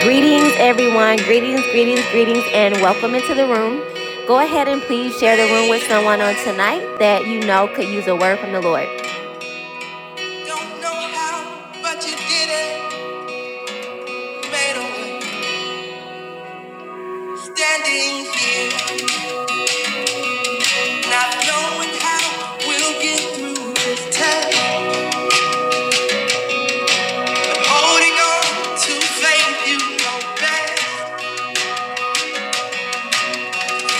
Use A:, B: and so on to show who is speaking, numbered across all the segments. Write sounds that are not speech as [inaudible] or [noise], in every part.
A: Greetings, everyone. Greetings, greetings, greetings, and welcome into the room. Go ahead and please share the room with someone on tonight that you know could use a word from the Lord. Don't know how, but you did it. Made a way. Standing here, not knowing how we'll get through this test. Holding on to faith you know best.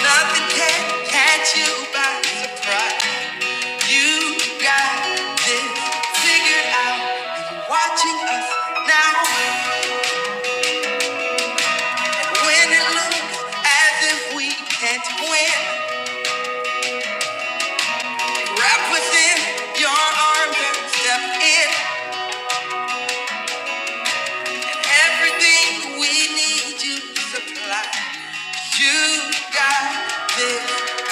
A: Nothing can catch you by surprise. You got this figured out. You're watching us now. When it looks as if we can't win, wrap within your arms and step in. Everything we need you to supply. You got this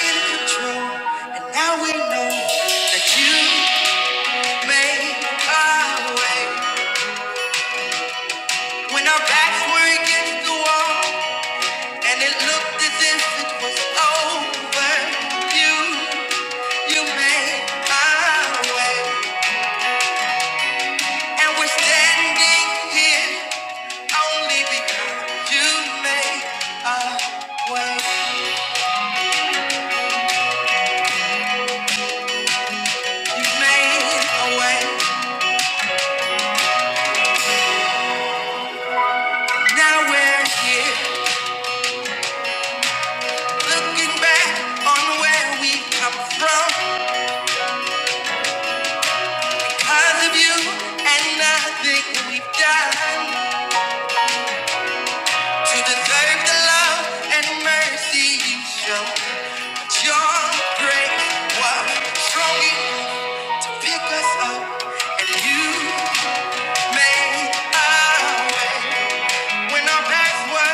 A: in control. And now we know that you made a way. When our backs were against the wall and it looked as if it was over, you, you made my way. And we're standing here only because you made a way. You made a way. Now we're here looking back on where we come from because of you and nothing we've done. To the grave, the love and mercy you show. But your grace was strong enough to pick us up, and you made our way. When our backs were,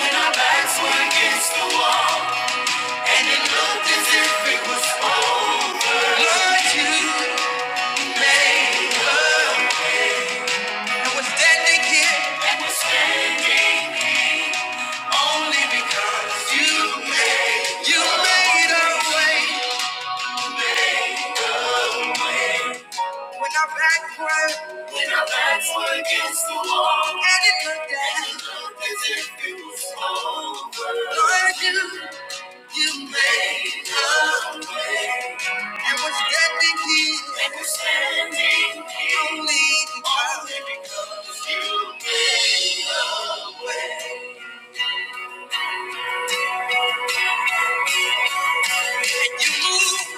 A: when our backs were against the wall, and it looked as if it was over. Lord, you made, and we're standing here only because you made, you made a way. When our backs were, when our backs were against the wall, and it looked as, it looked as if it was over. Lord, you, you made a way, and we're standing here, and we're standing here only because, only because. You move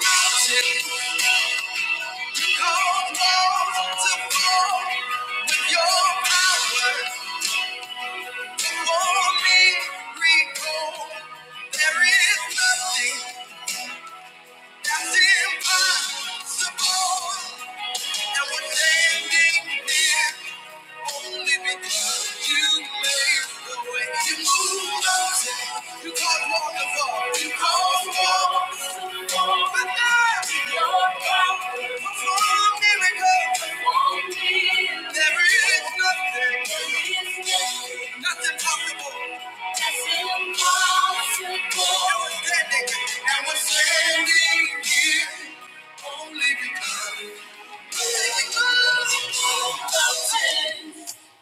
A: mountains. You cause walls to fall with your power. Before me, recall. There is nothing. That's impossible. And we're standing here only because you made the way. You moved us. You called wonderful. You called wonderful. But now you're gone. Perform there is nothing, nothing possible. That's impossible. And we're standing, here only because, only because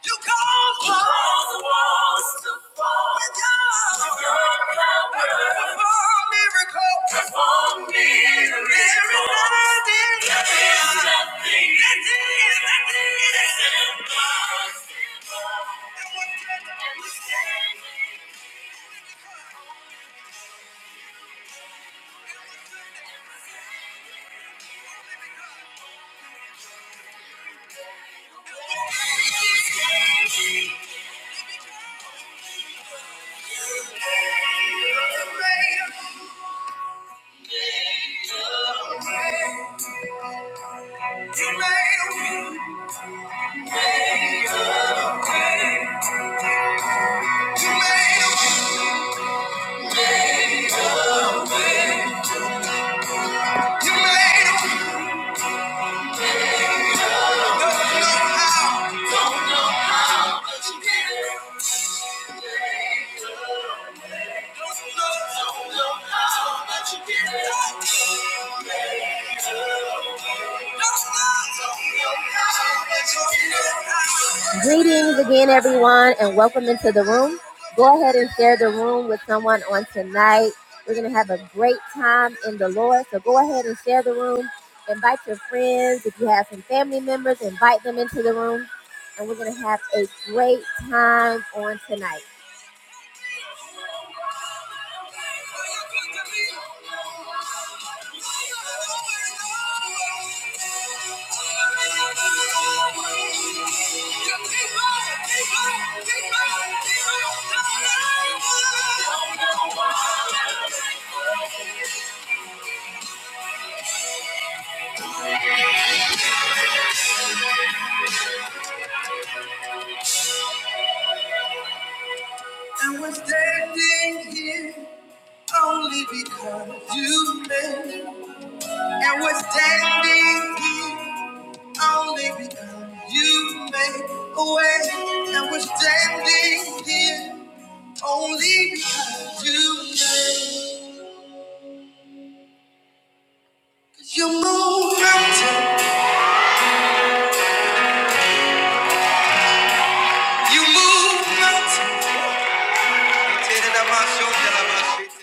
A: you cause You cause the walls to fall. With your, with your power. Perform miracles. Perform miracles. There is nothing. There is nothing. That is, that is. That's impossible. And what can I stand? Greetings again, everyone, and welcome into the room. Go ahead and share the room with someone on tonight. We're going to have a great time in the Lord. So go ahead and share the room. Invite your friends. If you have some family members, invite them into the room. And we're going to have a great time on tonight away and we're standing here only because you made. you move mountains you move mountains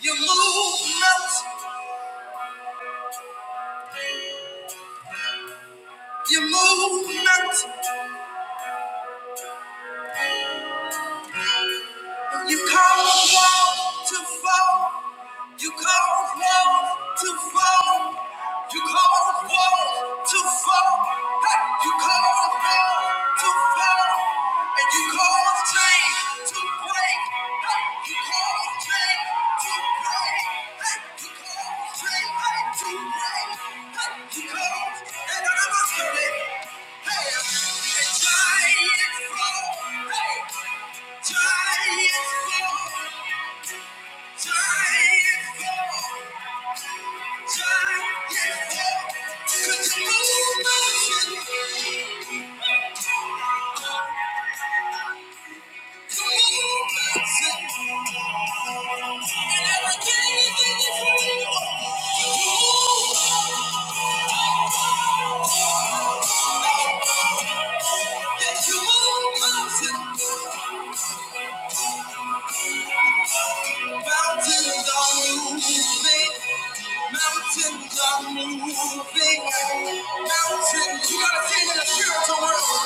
A: You movement, mountains, you move you cause walls to fall, you cause walls to fall, you cause walls to fall, hey, you cause walls to fall, and you cause chains to break, hey, Thank you. move mountains? Thank you. Mountains are moving. Mountains are moving. Mountains, you gotta sing in the spiritual world.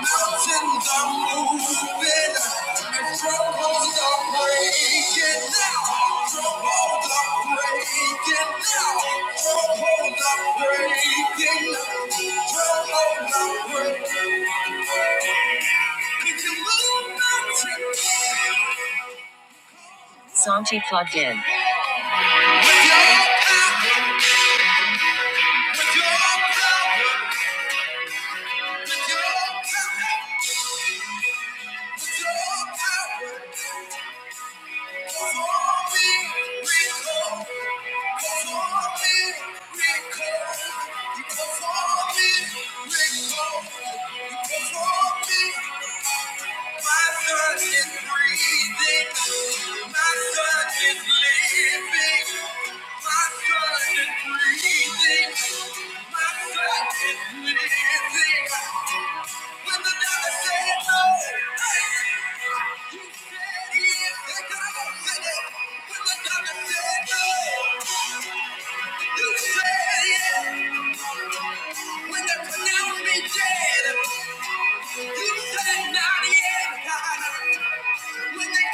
A: Mountains are moving. And strongholds are breaking now. Strongholds are breaking now. Strongholds are breaking now. Strongholds are breaking. We can move mountains. With your power, with your power. When they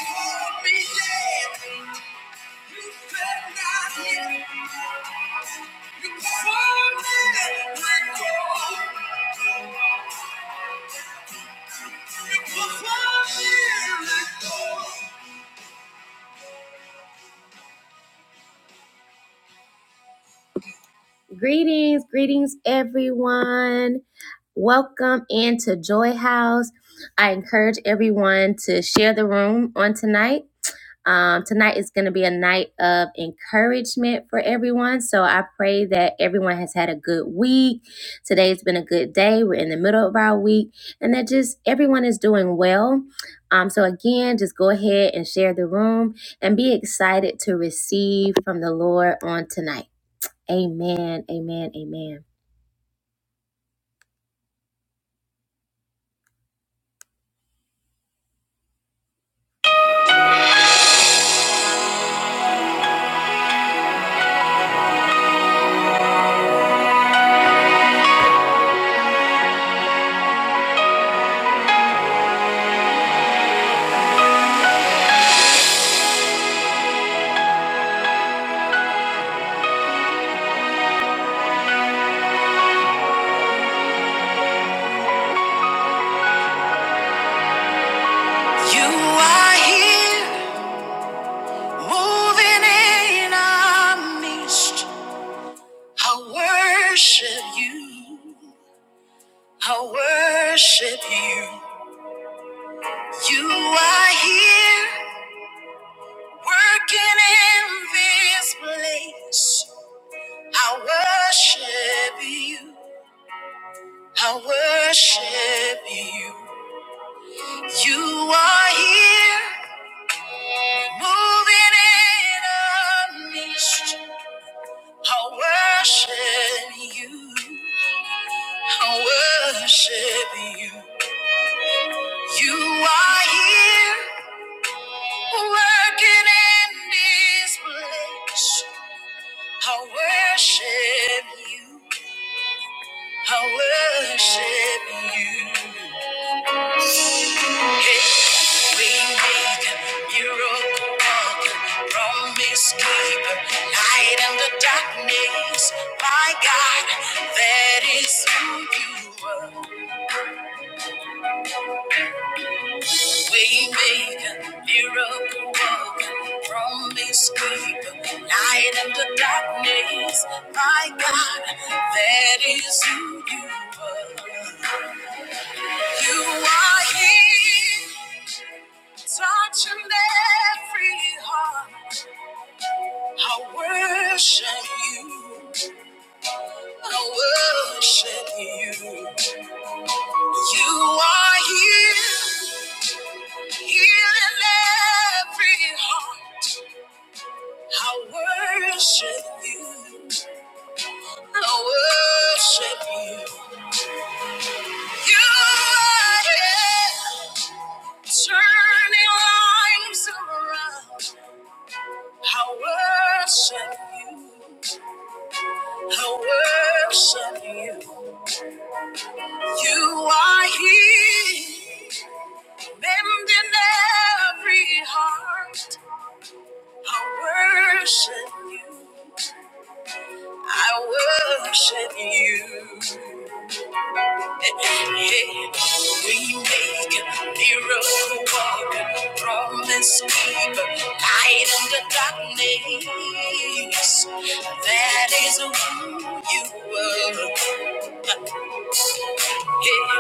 A: called me dead, you said not yet. Greetings, greetings, everyone. Welcome into Joy House. I encourage everyone to share the room on tonight. Um, tonight is going to be a night of encouragement for everyone. So I pray that everyone has had a good week. Today's been a good day. We're in the middle of our week and that just everyone is doing well. Um, so again, just go ahead and share the room and be excited to receive from the Lord on tonight. Amen. Amen. Amen. You are here, moving in our midst. I worship you. I worship you. You are here working in this place. I worship you. I worship you. You are here moving in our midst. I worship you. I worship you. You are here working in this place. I worship you. I worship you. Hey, we make miracle worker, promise keeper, light in the darkness. My God, that is who you are. We make miracle worker, promise keeper, light in the darkness. My God, that is who you are. You are here, touching every heart. I worship you. I worship you. You are here, healing every heart. I worship you. I worship you. You are here, turning lives around. I worship you. I worship you. You are here, mending every heart. I worship you. I worship you. We make a miracle walk, promise keep light in the darkness. That is who you are. Yeah,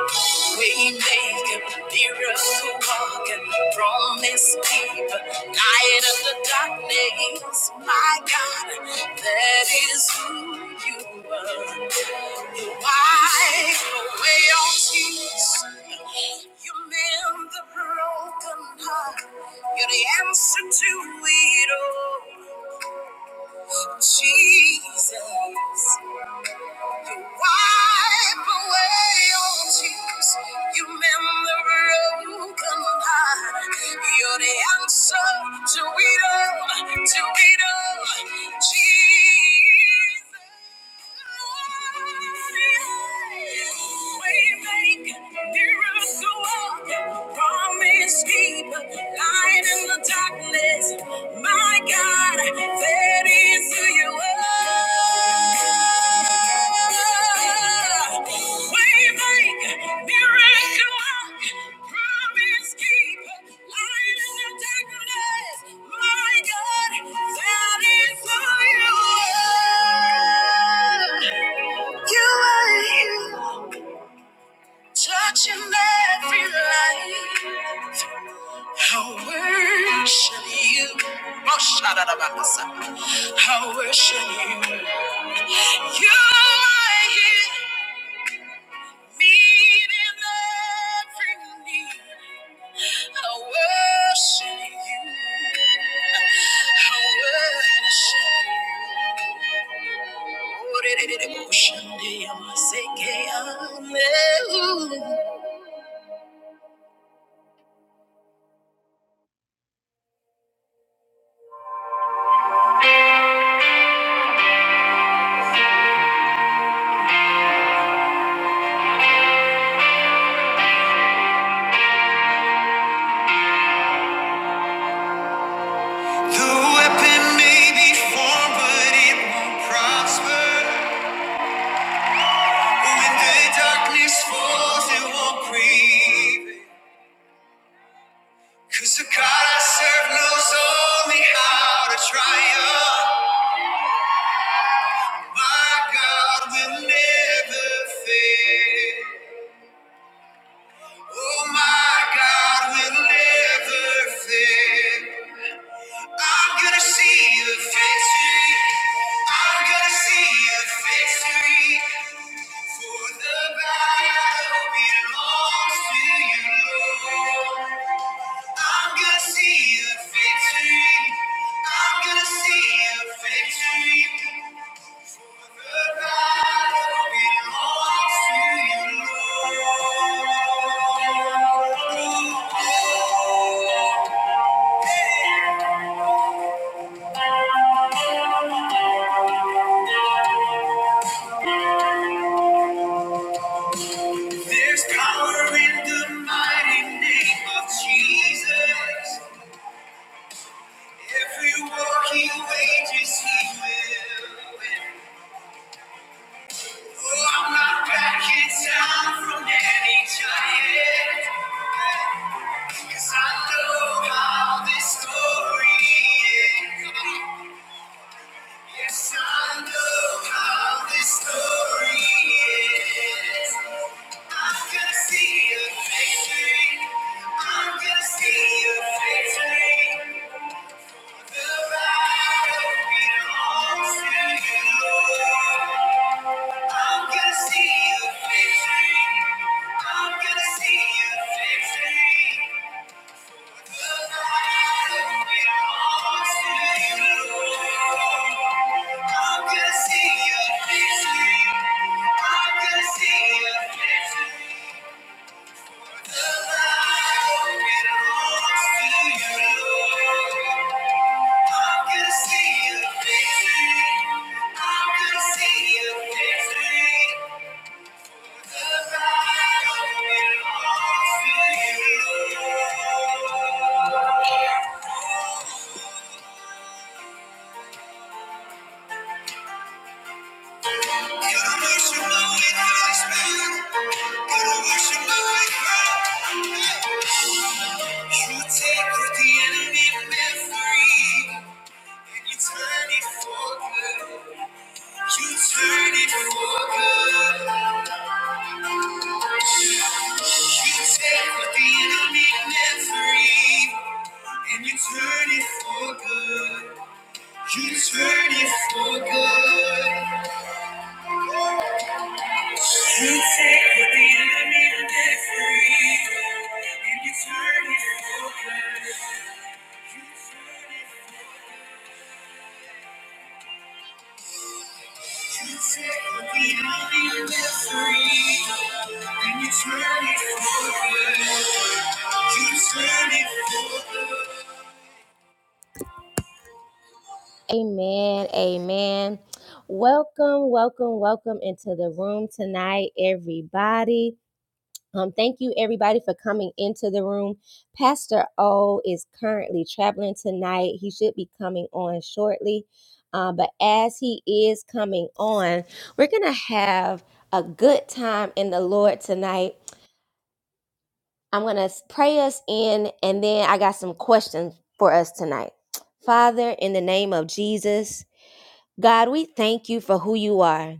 A: we make a miracle walk and promise keep light of the darkness. My God, that is who you are. You are. You mend the broken heart. You're the answer to it all. Jesus, you wipe away all tears. You mend the broken heart. You're the answer to it all. To it all. Jesus promise keeper. Touching every life, I worship you. Oh, shout out about myself. I worship you. You are here. Meeting every need. I worship you. I worship you. The weapon may be formed, but it won't prosper. When the darkness falls, it won't creep. 'Cause the God I serve knows only how to triumph. My God will never fail. Oh, my God will never fail. I'm gonna see the victory. I'm gonna see the victory. For the battle belongs to you, Lord. I'm gonna see the victory. I'm gonna see a victory. There's power in the mighty name of Jesus. Every war he wages, he will win. I'm not backing down from any giant. 'Cause I know how this story ends. Yes, I know how this story ends. I'm gonna see a victory. I'm gonna see a victory. I'm gonna see you fixing. I'm gonna see you fixing. The battle belongs to you, Lord. I'm gonna see you fixing. I'm gonna see you fixing. Hey. You take what the enemy meant for evil. You turn it for good. You turn it for good. You take what the enemy meant for evil, and you turn it for good. You turn it for good. You take what the enemy meant for evil, and you turn it for good. You turn it for good. Amen. Amen. Welcome, welcome, welcome into the room tonight, everybody. Um, thank you, everybody, for coming into the room. Pastor O is currently traveling tonight. He should be coming on shortly. Uh, but as he is coming on, we're going to have a good time in the Lord tonight. I'm going to pray us in, and then I got some questions for us tonight. Father, in the name of Jesus, God, we thank you for who you are.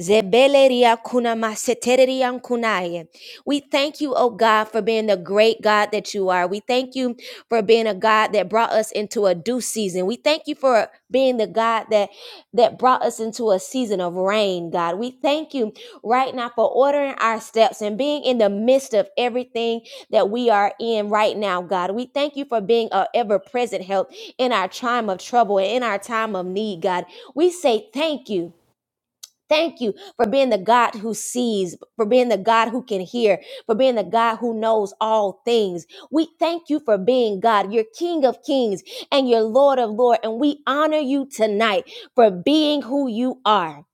A: Zebeleria kuna maseteria kunaye. We thank you, oh God, for being the great God that you are. We thank you for being a God that brought us into a due season. We thank you for being the God that that brought us into a season of rain, God. We thank you right now for ordering our steps and being in the midst of everything that we are in right now, God. We thank you for being a ever-present help in our time of trouble and in our time of need, God. We say thank you. Thank you for being the God who sees, for being the God who can hear, for being the God who knows all things. We thank you for being God. You're King of Kings and you're Lord of Lords. And we honor you tonight for being who you are.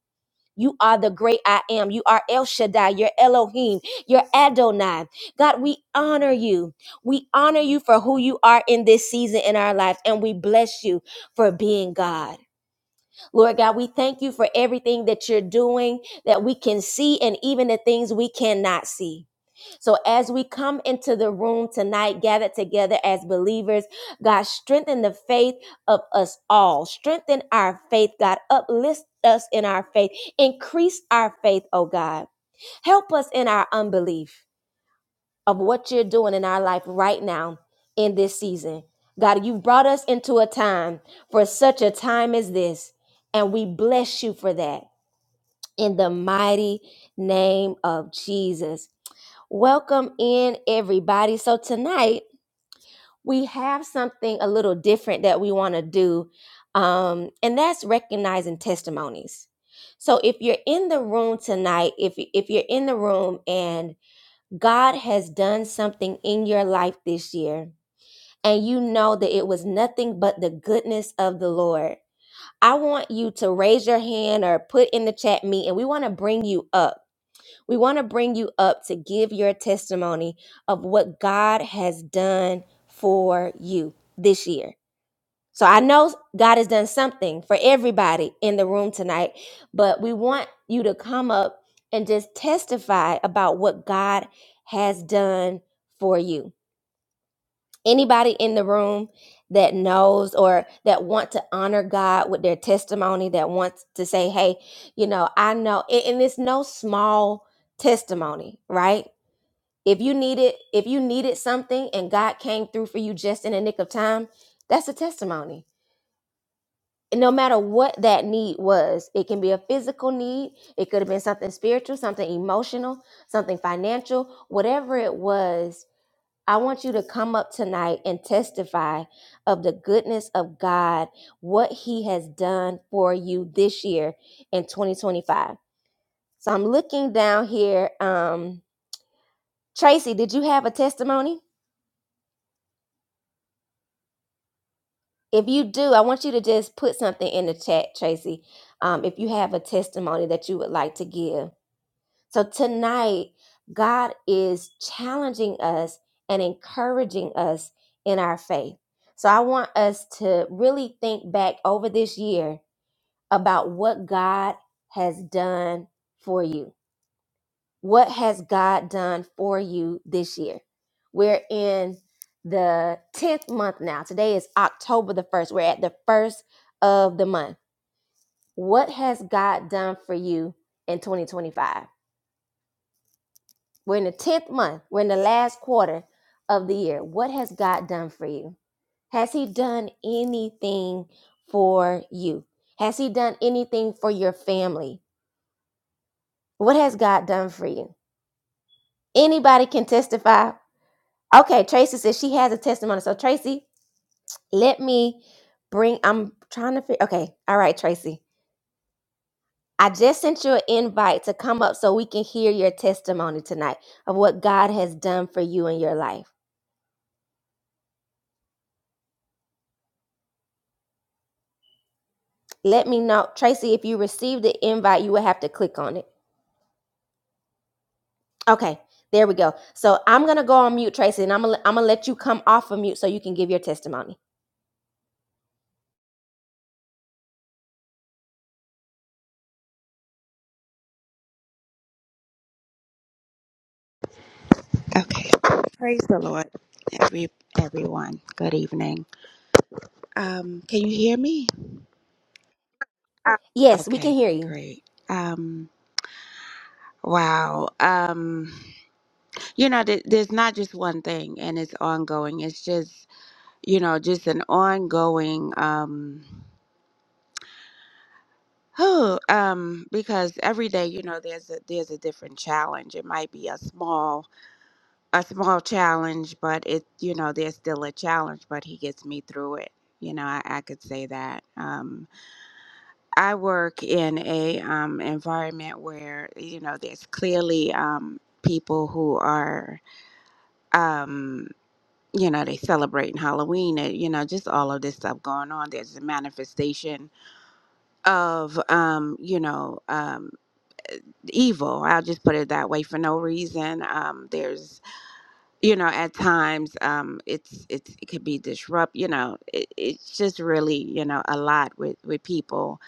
A: You are the great I am. You are El Shaddai. You're Elohim. You're Adonai. God, we honor you. We honor you for who you are in this season in our life. And we bless you for being God. Lord God, we thank you for everything that you're doing that we can see and even the things we cannot see. So, as we come into the room tonight, gathered together as believers, God, strengthen the faith of us all. Strengthen our faith, God. Uplift us in our faith. Increase our faith, oh God. Help us in our unbelief of what you're doing in our life right now in this season. God, you've brought us into a time for such a time as this, and we bless you for that in the mighty name of Jesus. Welcome in, everybody. So, tonight we have something a little different that we want to do, um, and that's recognizing testimonies. So, if you're in the room tonight, if, if you're in the room and God has done something in your life this year, and you know that it was nothing but the goodness of the Lord. I want you to raise your hand or put in the chat me, and we want to bring you up. We want to bring you up to give your testimony of what God has done for you this year. So I know God has done something for everybody in the room tonight, but we want you to come up and just testify about what God has done for you. Anybody in the room that knows or that want to honor God with their testimony, that wants to say, hey, you know, I know, and and it's no small testimony, right? If you needed, if you needed something and God came through for you just in the nick of time, that's a testimony no matter what that need was, it can be a physical need, it could have been something spiritual, something emotional, something financial, whatever it was. I want you to come up tonight and testify of the goodness of God, what He has done for you this year in 2025. So I'm looking down here. Um, Tracy, did you have a testimony? If you do, I want you to just put something in the chat, Tracy, um, if you have a testimony that you would like to give So tonight, God is challenging us and encouraging us in our faith. So I want us to really think back over this year about what God has done for you. What has God done for you this year? We're in the 10th month now. Today is October the 1st. We're at the first of the month. What has God done for you in 2025? We're in the 10th month. We're in the last quarter of the year. What has God done for you? Has He done anything for you? Has He done anything for your family? What has God done for you? Anybody can testify. Okay, Tracy says she has a testimony. So, Tracy, let me bring, I'm trying to figure, okay, all right, Tracy. I just sent you an invite to come up so we can hear your testimony tonight of what God has done for you in your life. Let me know. Tracy, if you receive the invite, you will have to click on it. Okay, there we go. So I'm going to go on mute, Tracy, and I'm going to I'm going to let you come off of mute so you can give your testimony.
B: Okay. Praise the Lord, every everyone. Good evening. Um, can you hear me? Uh,
A: Yes, we can
B: Okay,
A: hear you.
B: great. Um, wow. Um, you know, th- there's not just one thing, and it's ongoing. It's just, you know, just an ongoing. Um, [sighs] oh, um, because every day, you know, there's a there's a different challenge. It might be a small a small challenge, but it you know there's still a challenge, but he gets me through it. You know, I, I could say that. Um, I work in a um, environment where you know there's clearly um, people who are um, you know they celebrating Halloween and you know just all of this stuff going on. There's a manifestation of um, you know um, evil. I'll just put it that way for no reason. Um, there's you know at times um it's it's it could be disrupt you know it, it's just really you know a lot with with people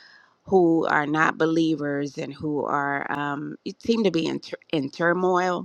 B: who are not believers and who are um it seem to be in, tur- in turmoil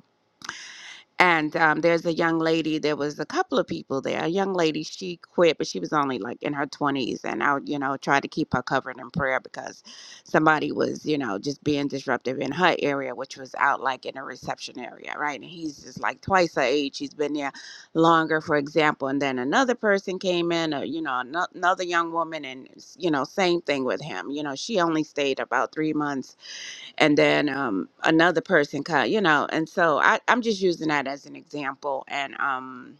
B: and um, there's a young lady. There was a couple of people there. A young lady, she quit, but she was only like in her 20s. And I, you know, tried to keep her covered in prayer because somebody was, you know, just being disruptive in her area, which was out like in a reception area, right? And he's just like twice her age. He's been there longer, for example. And then another person came in, or, you know, ano- another young woman, and, you know, same thing with him. You know, she only stayed about three months and then um, another person cut you know and so I, i'm just using that as an example and um,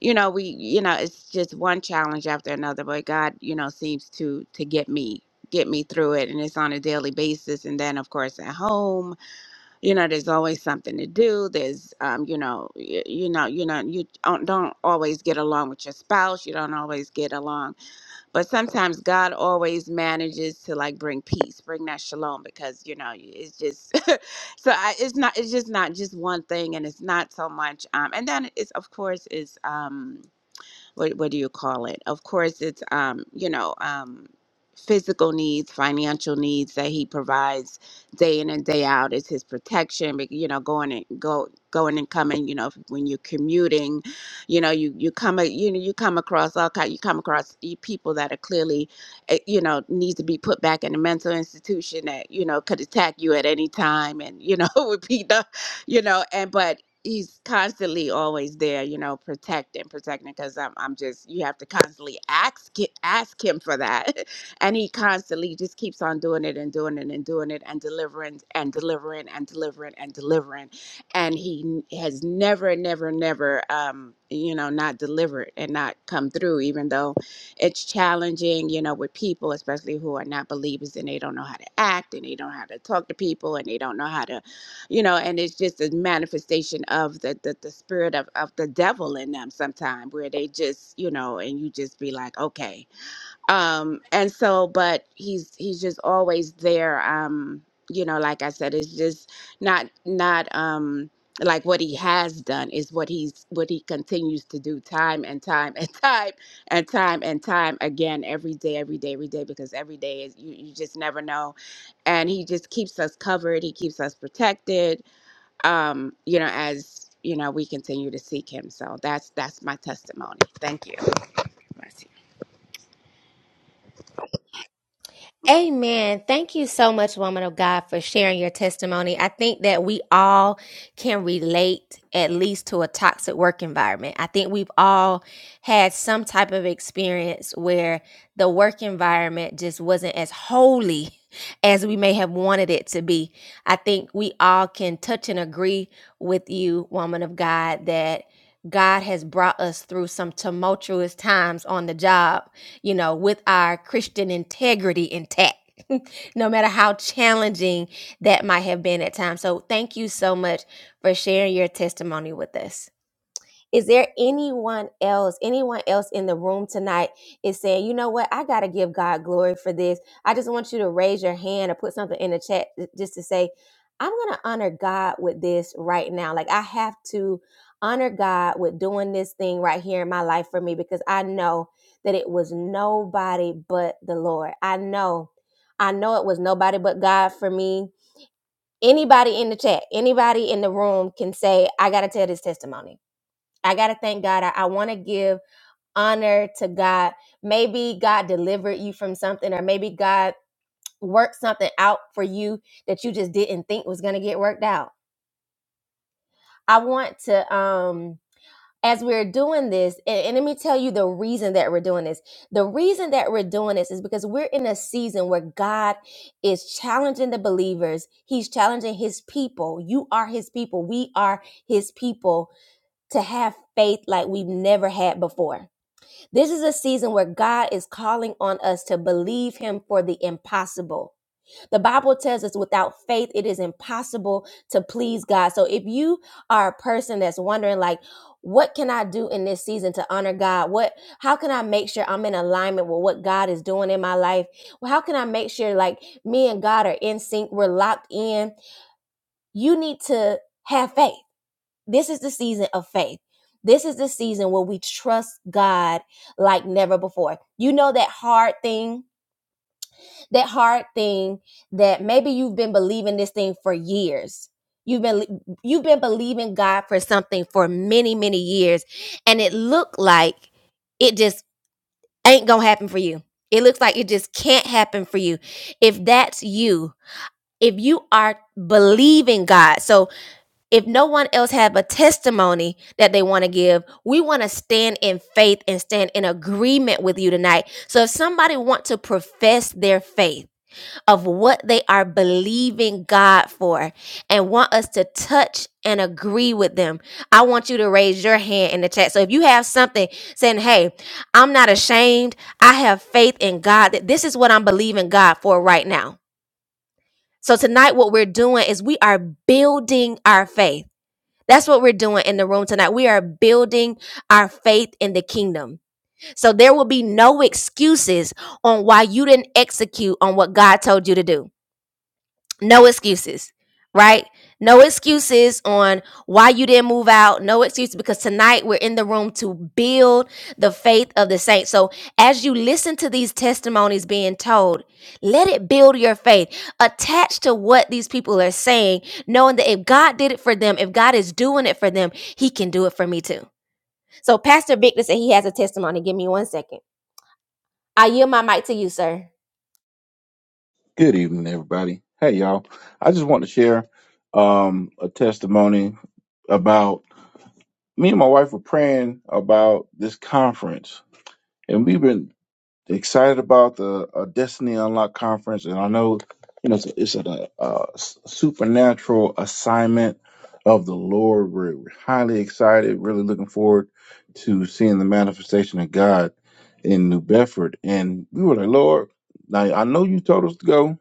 B: you know we you know it's just one challenge after another but god you know seems to to get me get me through it and it's on a daily basis and then of course at home you know there's always something to do there's um, you know you, you know you know you don't, don't always get along with your spouse you don't always get along but sometimes God always manages to like bring peace, bring that shalom because you know it's just [laughs] so I, it's not it's just not just one thing and it's not so much um and then it's of course is um what what do you call it? Of course, it's um, you know, um, physical needs, financial needs that he provides day in and day out is his protection. bec- You know, going and go going and coming. You know, if- when you're commuting, you know, you you come a- you know you come across all kind. You come across e- people that are clearly, eh, you know, need to be put back in a mental institution that you know could attack you at any time and you know [laughs] would be the, you know, and but he's constantly always there, you know, protecting, protecting. Because I'm, I'm just, you have to constantly ask, ki- ask him for that, [laughs] and he constantly just keeps on doing it and doing it and doing it and delivering and delivering and delivering and delivering, and he n- has never, never, never, um, you know, not delivered and not come through, even though it's challenging, you know, with people, especially who are not believers and they don't know how to act and they don't know how to talk to people and they don't know how to you know and it's just a manifestation of the the, the spirit of, of the devil in them sometime where they just you know and you just be like okay um and so but he's he's just always there um you know like i said it's just not not um like what he has done is what he's what he continues to do time and time and [laughs] time and time and time again every day every day every day because every day is you, you just never know and he just keeps us covered he keeps us protected um, you know, as you know, we continue to seek him. So that's that's my testimony. Thank you. Mercy.
A: Amen. Thank you so much, woman of God, for sharing your testimony. I think that we all can relate at least to a toxic work environment. I think we've all had some type of experience where the work environment just wasn't as holy [laughs] as we may have wanted it to be. I think we all can touch and agree with you, woman of God, that God has brought us through some tumultuous times on the job you know, with our Christian integrity intact. [laughs] No matter how challenging that might have been at times. So, thank you so much for sharing your testimony with us. Is there anyone else, anyone else in the room tonight is saying, you know what, I got to give God glory for this? I just want you to raise your hand or put something in the chat just to say, I'm going to honor God with this right now. Like, I have to honor God with doing this thing right here in my life for me because I know that it was nobody but the Lord. I know, I know it was nobody but God for me. Anybody in the chat, anybody in the room can say, I got to tell this testimony. I got to thank God. I, I want to give honor to God. Maybe God delivered you from something, or maybe God worked something out for you that you just didn't think was going to get worked out. I want to, um, as we're doing this, and, and let me tell you the reason that we're doing this. The reason that we're doing this is because we're in a season where God is challenging the believers. He's challenging his people. You are his people. We are his people to have faith like we've never had before This is a season where God is calling on us to believe Him for the impossible. The Bible tells us without faith, it is impossible to please God. So if you are a person that's wondering, like, what can I do in this season to honor God? What, how can I make sure I'm in alignment with what God is doing in my life? Well, how can I make sure like me and God are in sync? We're locked in. You need to have faith. This is the season of faith. This is the season where we trust God like never before. You know that hard thing, that hard thing that maybe you've been believing this thing for years. You've been you've been believing God for something for many, many years and it looked like it just ain't going to happen for you. It looks like it just can't happen for you. If that's you, if you are believing God. So if no one else have a testimony that they want to give we want to stand in faith and stand in agreement with you tonight so if somebody want to profess their faith of what they are believing god for and want us to touch and agree with them i want you to raise your hand in the chat so if you have something saying hey i'm not ashamed i have faith in god that this is what i'm believing god for right now so tonight what we're doing is we are building our faith that's what we're doing in the room tonight. We are building our faith in the kingdom. So there will be no excuses on why you didn't execute on what God told you to do. No excuses, right? No excuses on why you didn't move out. No excuses because tonight we're in the room to build the faith of the saints. So as you listen to these testimonies being told, let it build your faith. Attach to what these people are saying, knowing that if God did it for them, if God is doing it for them, He can do it for me too. So Pastor Victor said he has a testimony. Give me one second. I yield my mic to you, sir.
C: Good evening, everybody. Hey, y'all. I just want to share um, a testimony about me and my wife were praying about this conference, and we've been excited about the uh, Destiny Unlock conference. And I know, you know, it's, it's a, uh s supernatural assignment of the Lord. We're highly excited, really looking forward to seeing the manifestation of God in New Bedford. And we were like, Lord, now I know you told us to go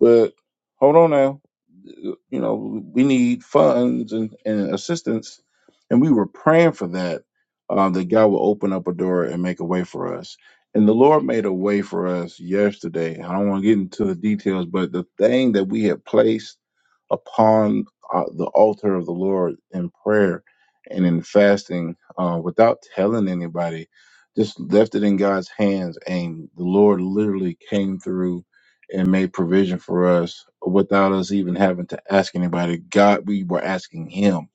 C: but hold on now, you know, we need funds and, and assistance, and we were praying for that. Uh, that God will open up a door and make a way for us. And the Lord made a way for us yesterday. I don't want to get into the details, but the thing that we had placed upon uh, the altar of the Lord in prayer and in fasting uh, without telling anybody. Just left it in God's hands, and the Lord literally came through and made provision for us without us even having to ask anybody. God, we were asking Him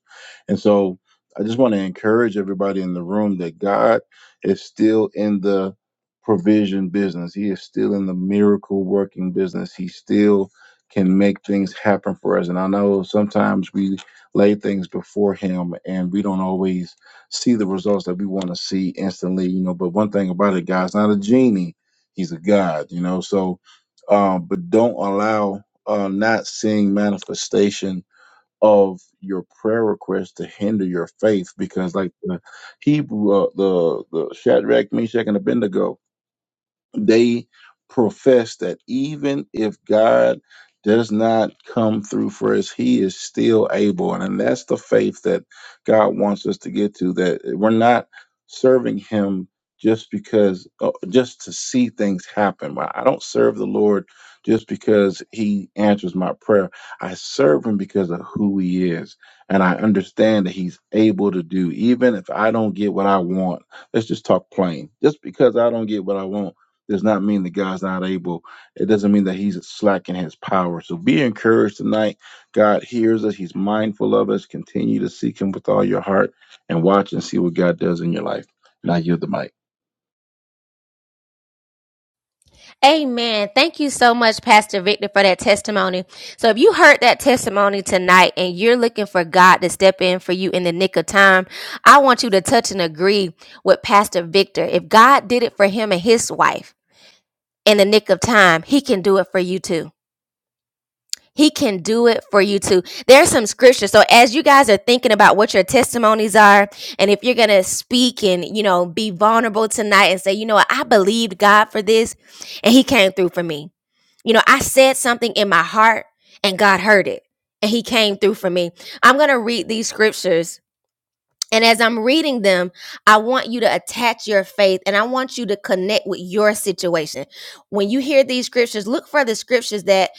C: and so I just want to encourage everybody in the room that God is still in the provision business. He is still in the miracle working business. He still can make things happen for us. And I know sometimes we lay things before him and we don't always see the results that we want to see instantly, you know. But one thing about it, God's not a genie. He's a God, you know. So um, but don't allow uh, not seeing manifestation of your prayer request to hinder your faith because like the Hebrew uh, the the Shadrach, Meshach and Abednego they profess that even if God does not come through for us, He is still able. And, and that's the faith that God wants us to get to, that we're not serving Him just because, uh, just to see things happen. I I don't serve the Lord just because He answers my prayer. I serve Him because of who He is. And I understand that He's able to do, even if I don't get what I want let's just talk plain. Just because I don't get what I want does not mean the guy's not able. It doesn't mean that he's slacking his power. So be encouraged tonight. God hears us. He's mindful of us. Continue to seek him with all your heart and watch and see what God does in your life. And I yield the mic.
A: Amen. Thank you so much, Pastor Victor, for that testimony. So if you heard that testimony tonight and you're looking for God to step in for you in the nick of time, I want you to touch and agree with Pastor Victor. If God did it for him and his wife in the nick of time, he can do it for you too. He can do it for you too. There's some scripture. So as you guys are thinking about what your testimonies are, and if you're gonna speak and you know be vulnerable tonight and say, you know what, I believed God for this and he came through for me. You know, I said something in my heart and God heard it and he came through for me. I'm going to read these scriptures. And as I'm reading them, I want you to attach your faith and I want you to connect with your situation. When you hear these scriptures, look for the scriptures that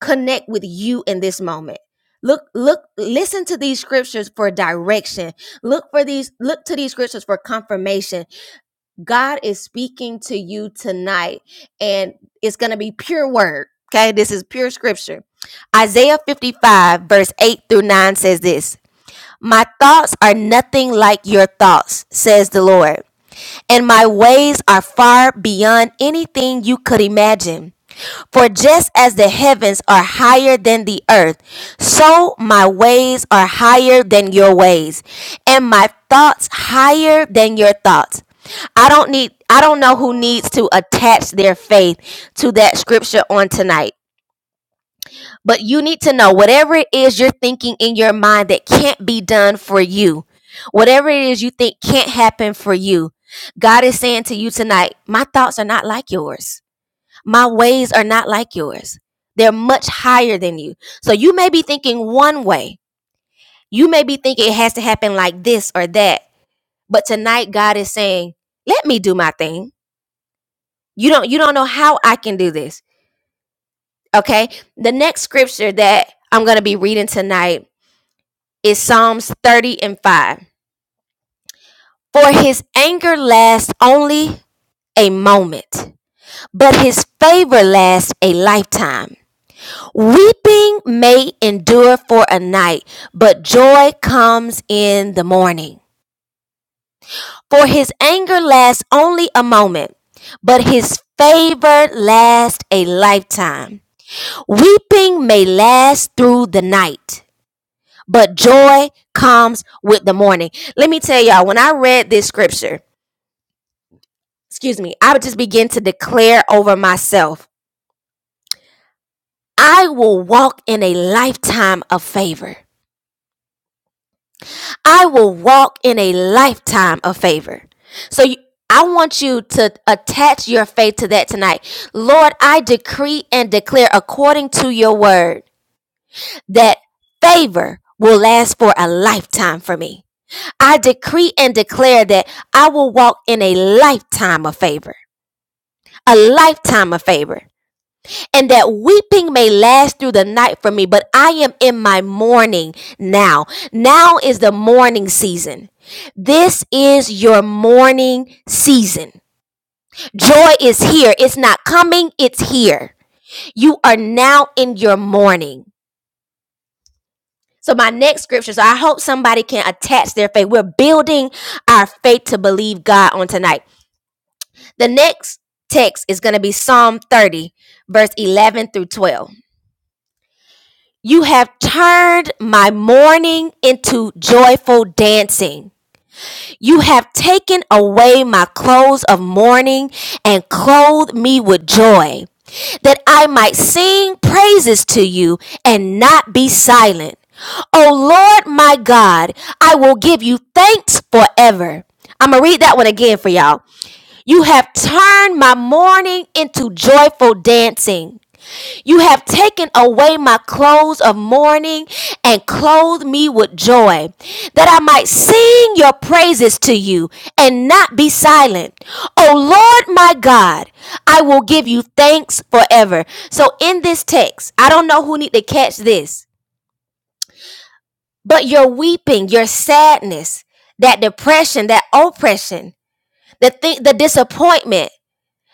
A: connect with you in this moment. Look, look, listen to these scriptures for direction. Look for these, look to these scriptures for confirmation God is speaking to you tonight, and it's going to be pure word. Okay, this is pure scripture. Isaiah 55, verse 8 through 9 says this My thoughts are nothing like your thoughts, says the Lord and my ways are far beyond anything you could imagine. For just as the heavens are higher than the earth, so my ways are higher than your ways, and my thoughts higher than your thoughts. I don't need I don't know who needs to attach their faith to that scripture on tonight. But you need to know whatever it is you're thinking in your mind that can't be done for you, whatever it is you think can't happen for you, God is saying to you tonight, my thoughts are not like yours. My ways are not like yours. They're much higher than you. So you may be thinking one way. You may be thinking it has to happen like this or that. But tonight God is saying, let me do my thing. You don't you don't know how I can do this. Okay? The next scripture that I'm going to be reading tonight is Psalms 30 and 5. For his anger lasts only a moment, but his favor lasts a lifetime. Weeping may endure for a night, but joy comes in the morning. For his anger lasts only a moment, but his favor lasts a lifetime. Weeping may last through the night, but joy comes with the morning. Let me tell y'all, when I read this scripture, excuse me, I would just begin to declare over myself I will walk in a lifetime of favor. I will walk in a lifetime of favor. So you, I want you to attach your faith to that tonight. Lord, I decree and declare according to your word that favor will last for a lifetime for me. I decree and declare that I will walk in a lifetime of favor, a lifetime of favor. and that weeping may last through the night for me, but I am in my mourning now. Now is the mourning season. This is your mourning season. Joy is here. It's not coming, it's here. You are now in your mourning. So, my next scripture, so I hope somebody can attach their faith. We're building our faith to believe God on tonight. The next text is going to be Psalm 30, verse 11 through 12. You have turned my mourning into joyful dancing. You have taken away my clothes of mourning and clothed me with joy, that I might sing praises to you and not be silent. O Lord my God, I will give you thanks forever. I'm going to read that one again for y'all. You have turned my mourning into joyful dancing. You have taken away my clothes of mourning and clothed me with joy, that I might sing your praises to you and not be silent. O Lord my God, I will give you thanks forever. So in this text, I don't know who need to catch this, but your weeping, your sadness, that depression, that oppression, the thing, the disappointment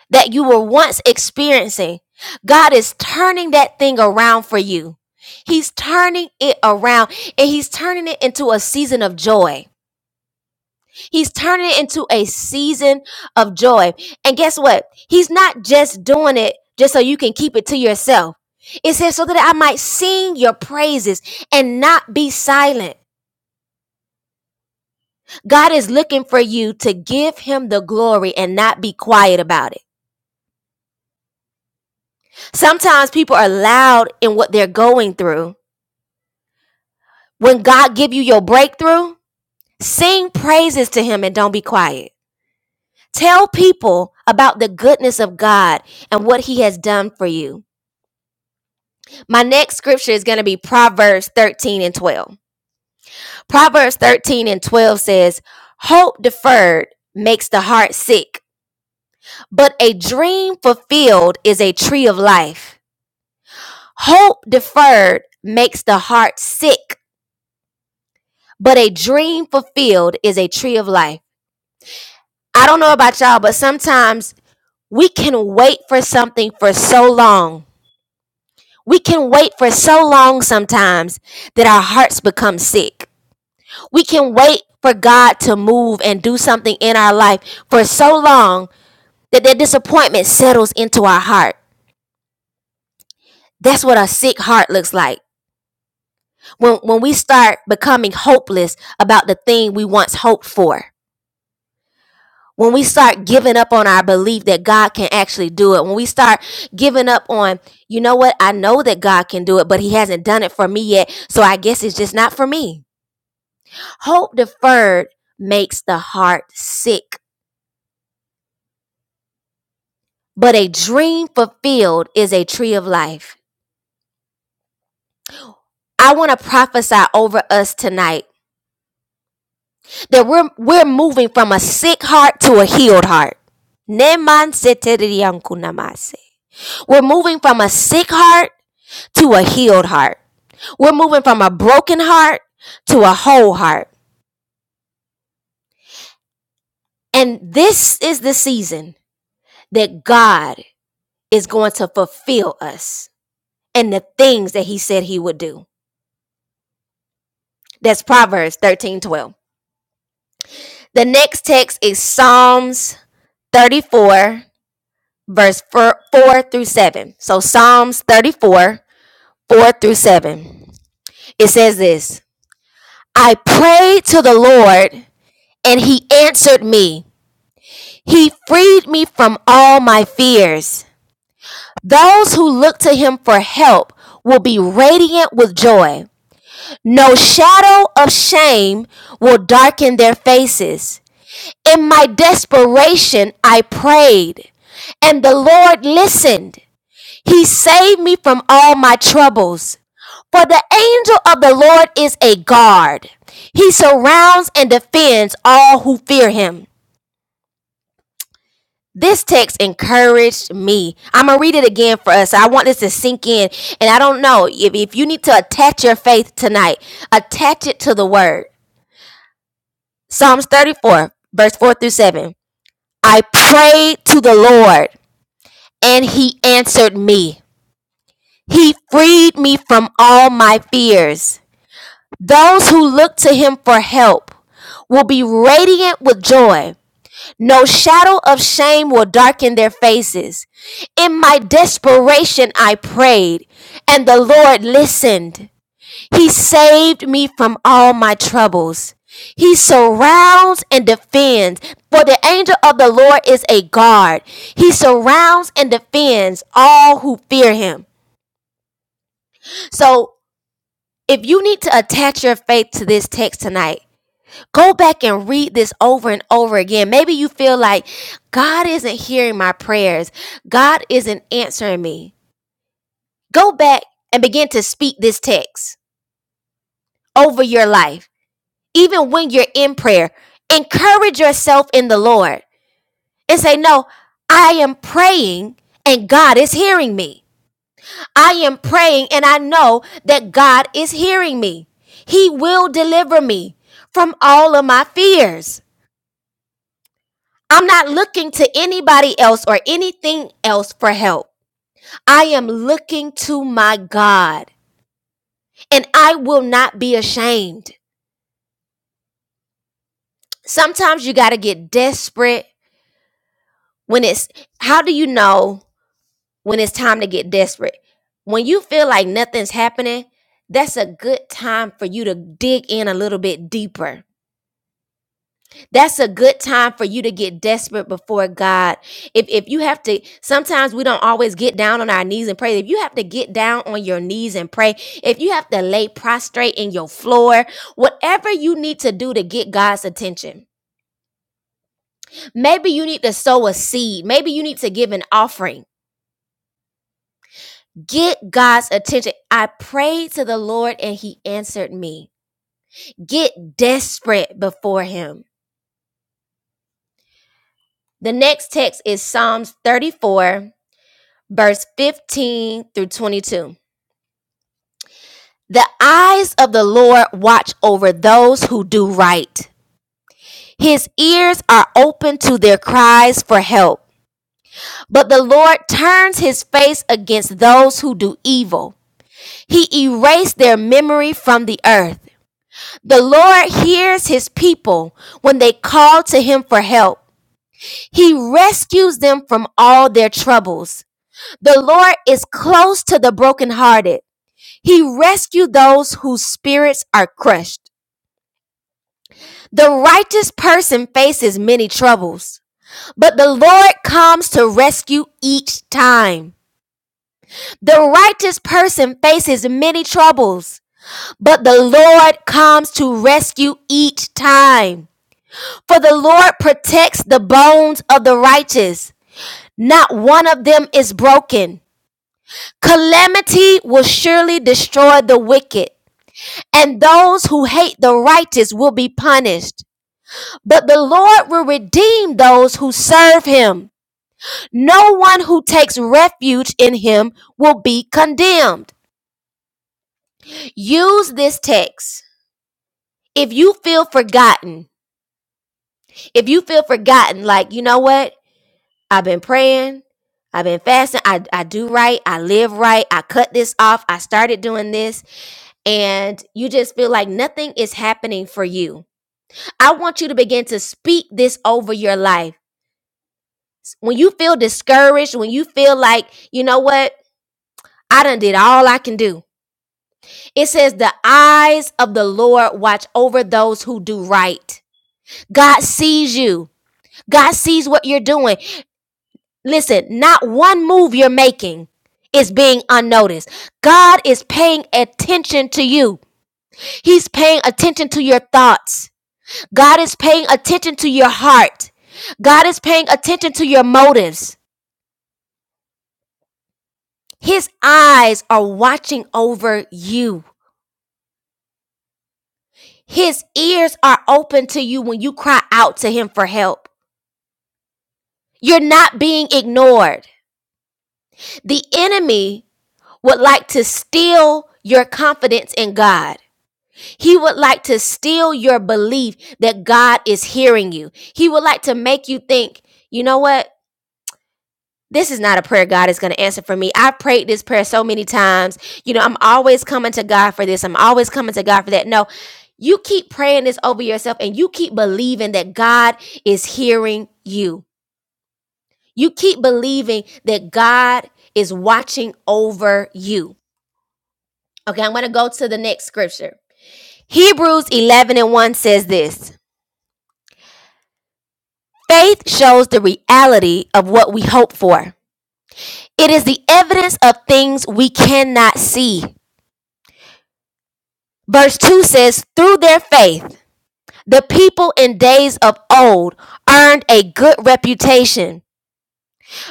A: that you were once experiencing. God is turning that thing around for you. He's turning it around and he's turning it into a season of joy. He's turning it into a season of joy. And guess what? He's not just doing it just so you can keep it to yourself. It says so that I might sing your praises and not be silent. God is looking for you to give him the glory and not be quiet about it. Sometimes people are loud in what they're going through When God give you your breakthrough, sing praises to him and don't be quiet. Tell people about the goodness of God and what he has done for you. My next scripture is going to be Proverbs 13 and 12. Proverbs 13 and 12 says, Hope deferred makes the heart sick, but a dream fulfilled is a tree of life. Hope deferred makes the heart sick, but a dream fulfilled is a tree of life. I don't know about y'all, but sometimes We can wait for something for so long. We can wait for so long sometimes that our hearts become sick. We can wait for God to move and do something in our life for so long that that disappointment settles into our heart. That's what a sick heart looks like. When, when we start becoming hopeless about the thing we once hoped for. when we start giving up on our belief that God can actually do it, when we start giving up on, you know what, I know that God can do it, but He hasn't done it for me yet, so I guess it's just not for me. Hope deferred makes the heart sick, but a dream fulfilled is a tree of life. I want to prophesy over us tonight that we're we're moving from a sick heart to a healed heart. We're moving from a sick heart to a healed heart. We're moving from a broken heart to a whole heart. And this is the season that God is going to fulfill us and the things that he said he would do. That's Proverbs 13 12. The next text is Psalms 34, verse 4 4 through 7. So Psalms 34, 4 through 7. It says this I prayed to the Lord, and he answered me. He freed me from all my fears. Those who look to him for help will be radiant with joy. No shadow of shame will darken their faces. In my desperation, I prayed, and the Lord listened. He saved me from all my troubles. For the angel of the Lord is a guard. He surrounds and defends all who fear him. This text encouraged me. I'm going to read it again for us. I want this to sink in. And I don't know if, if you need to attach your faith tonight, attach it to the word. Psalms 34, verse 4 through 7. I prayed to the Lord, and he answered me. He freed me from all my fears. Those who look to him for help will be radiant with joy. No shadow of shame will darken their faces. In my desperation, I prayed, and the Lord listened. He saved me from all my troubles. He surrounds and defends, for the angel of the Lord is a guard. He surrounds and defends all who fear him. So, if you need to attach your faith to this text tonight, Go back and read this over and over again. Maybe you feel like God isn't hearing my prayers, God isn't answering me. Go back and begin to speak this text over your life, even when you're in prayer. Encourage yourself in the Lord and say, No, I am praying and God is hearing me. I am praying and I know that God is hearing me. He will deliver me from all of my fears. I'm not looking to anybody else or anything else for help. I am looking to my God and I will not be ashamed. Sometimes you got to get desperate when it's, how do you know when it's time to get desperate? When you feel like nothing's happening, that's a good time for you to dig in a little bit deeper. that's a good time for you to get desperate before God. If if you have to sometimes we don't always get down on our knees and pray. If you have to get down on your knees and pray, if you have to lay prostrate in your floor, whatever you need to do to get God's attention. Maybe you need to sow a seed. Maybe you need to give an offering. Get God's attention. I prayed to the Lord and he answered me. Get desperate before him. The next text is Psalms 34 verse 15 through 22. The eyes of the Lord watch over those who do right. His ears are open to their cries for help. But the Lord turns his face against those who do evil. He erased their memory from the earth. The Lord hears his people when they call to him for help. He rescues them from all their troubles. The Lord is close to the brokenhearted. He rescues those whose spirits are crushed. The righteous person faces many troubles, but the Lord comes to rescue each time. The righteous person faces many troubles, but the Lord comes to rescue each time. For the Lord protects the bones of the righteous, not one of them is broken. Calamity will surely destroy the wicked and those who hate the righteous will be punished. But the Lord will redeem those who serve him. No one who takes refuge in him will be condemned. Use this text. If you feel forgotten, if you feel forgotten, like, you know what? I've been praying, I've been fasting, I, I do right, I live right, I cut this off, I started doing this, and you just feel like nothing is happening for you I want you to begin to speak this over your life. When you feel discouraged, when you feel like, you know what? I done did all I can do. It says, the eyes of the Lord watch over those who do right. God sees you. God sees what you're doing. Listen, not one move you're making is being unnoticed. God is paying attention to you. He's paying attention to your thoughts. God is paying attention to your heart. God is paying attention to your motives. His eyes are watching over you. His ears are open to you when you cry out to him for help. You're not being ignored. The enemy would like to steal your confidence in God. He would like to steal your belief that God is hearing you. He would like to make you think, you know what? this is not a prayer God is going to answer for me. I've prayed this prayer so many times. You know, I'm always coming to God for this. I'm always coming to God for that. No, you keep praying this over yourself and you keep believing that God is hearing you. You keep believing that God is watching over you. Okay, I'm going to go to the next scripture. Hebrews 11 and 1 says this Faith shows the reality of what we hope for. It is the evidence of things we cannot see. Verse 2 says, Through their faith, the people in days of old earned a good reputation.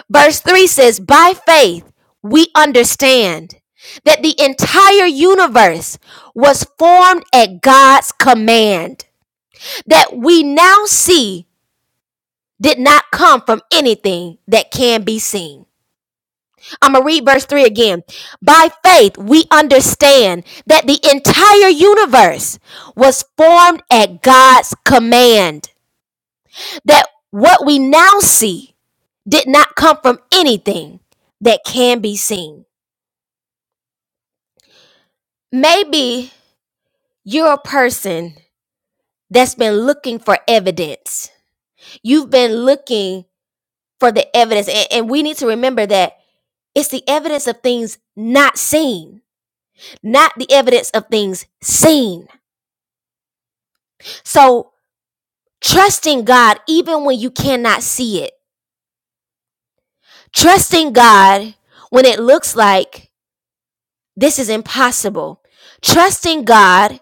A: Verse 3 says, By faith, we understand that the entire universe was formed at God's command, that we now see did not come from anything that can be seen. I'm going to read verse 3 again. By faith, we understand that the entire universe was formed at God's command, that what we now see did not come from anything that can be seen. Maybe you're a person that's been looking for evidence. You've been looking for the evidence, and, and we need to remember that it's the evidence of things not seen, not the evidence of things seen. So Trusting God even when you cannot see it. Trusting God when it looks like this is impossible. Trusting God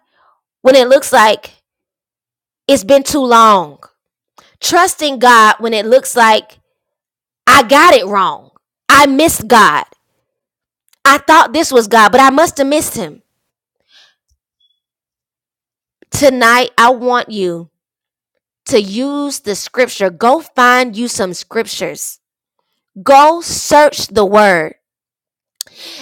A: when it looks like it's been too long. Trusting God when it looks like I got it wrong. I missed God. I thought this was God, but I must have missed him. Tonight, I want you to use the scripture. Go find you some scriptures. Go search the word.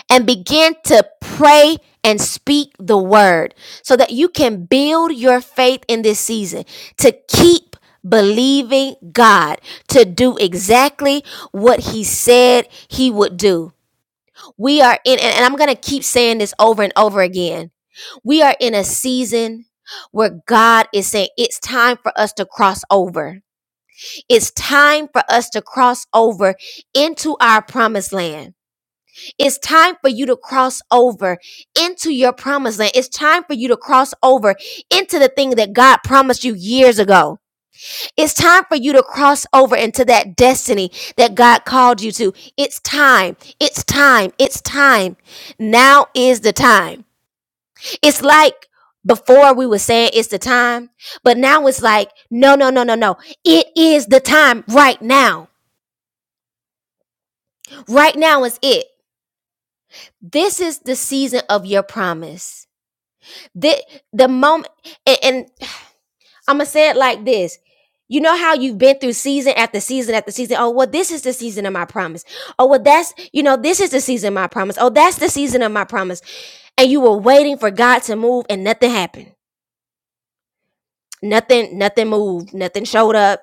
A: and begin to pray and speak the word so that you can build your faith in this season to keep believing God to do exactly what He said He would do. We are in, and I'm going to keep saying this over and over again. We are in a season where God is saying it's time for us to cross over. It's time for us to cross over into our promised land. It's time for you to cross over into your promised land. It's time for you to cross over into the thing that God promised you years ago. It's time for you to cross over into that destiny that God called you to. It's time. It's time. It's time. Now is the time. It's like before we were saying it's the time, but now it's like, no, no, no, no, no. It is the time right now. Right now is it. This is the season of your promise. the the moment and, and i'm gonna say it like this you know how you've been through season after season after season oh well this is the season of my promise oh well that's you know this is the season of my promise oh that's the season of my promise and you were waiting for god to move and nothing happened nothing nothing moved nothing showed up